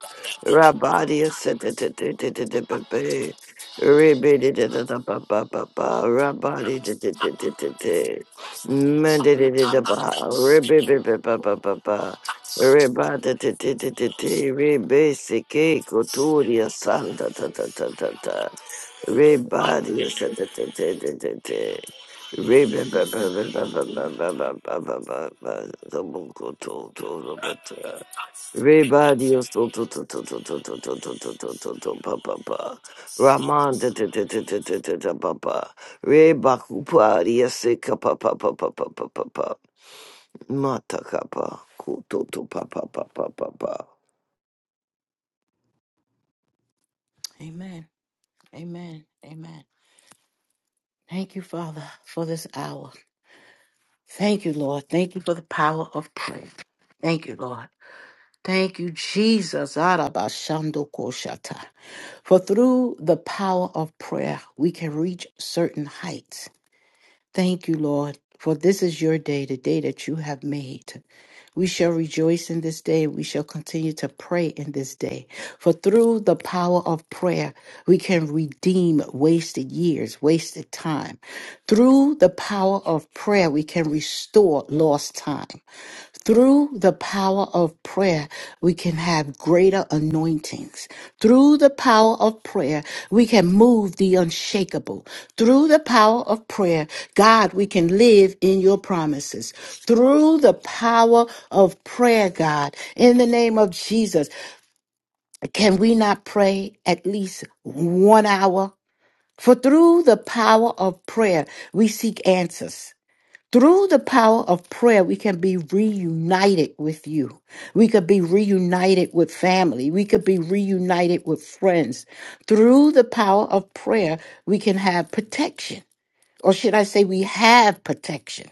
Speaker 2: Rabadia said that the baby, rebated it at the papa papa, rabadi did it, mended it about, rebibba papa papa, rebata titty, rebasic cake, coturia santa tata tata, rebadia said that the rebibba papa papa, the bunko told Rebadio so to to to to to to to to to to to to pa pa pa. Raman te te te te te te te te pa pa. Rebakupa riese ka pa pa pa pa pa pa pa pa. Mata ka pa. Kuto to pa pa pa pa pa pa.
Speaker 1: Amen. Amen. Thank you, Father, for this hour. Thank you, Lord. Thank you for the power of prayer. Thank you, Lord. Thank you, Jesus. Arabashandokoshata. For through the power of prayer, we can reach certain heights. Thank you, Lord, for this is your day, the day that you have made. We shall rejoice in this day. We shall continue to pray in this day. For through the power of prayer, we can redeem wasted years, wasted time. Through the power of prayer, we can restore lost time. Through the power of prayer, we can have greater anointings. Through the power of prayer, we can move the unshakable. Through the power of prayer, God, we can live in your promises. Through the power of prayer, God, in the name of Jesus, can we not pray at least one hour? For through the power of prayer, we seek answers. Through the power of prayer, we can be reunited with you. We could be reunited with family. We could be reunited with friends. Through the power of prayer, we can have protection. Or should I say, we have protection.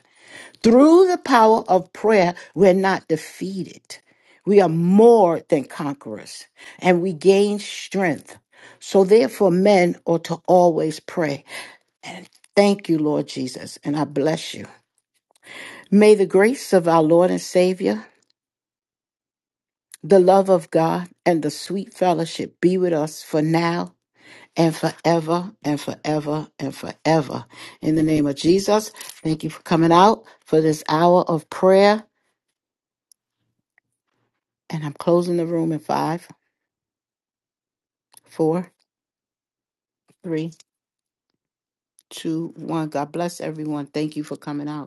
Speaker 1: Through the power of prayer, we're not defeated. We are more than conquerors and we gain strength. So, therefore, men ought to always pray. Thank you, Lord Jesus, and I bless you. May the grace of our Lord and Savior, the love of God, and the sweet fellowship be with us for now and forever and forever and forever. In the name of Jesus, thank you for coming out for this hour of prayer. And I'm closing the room in five. Four, three, two, one. God bless everyone. Thank you for coming out.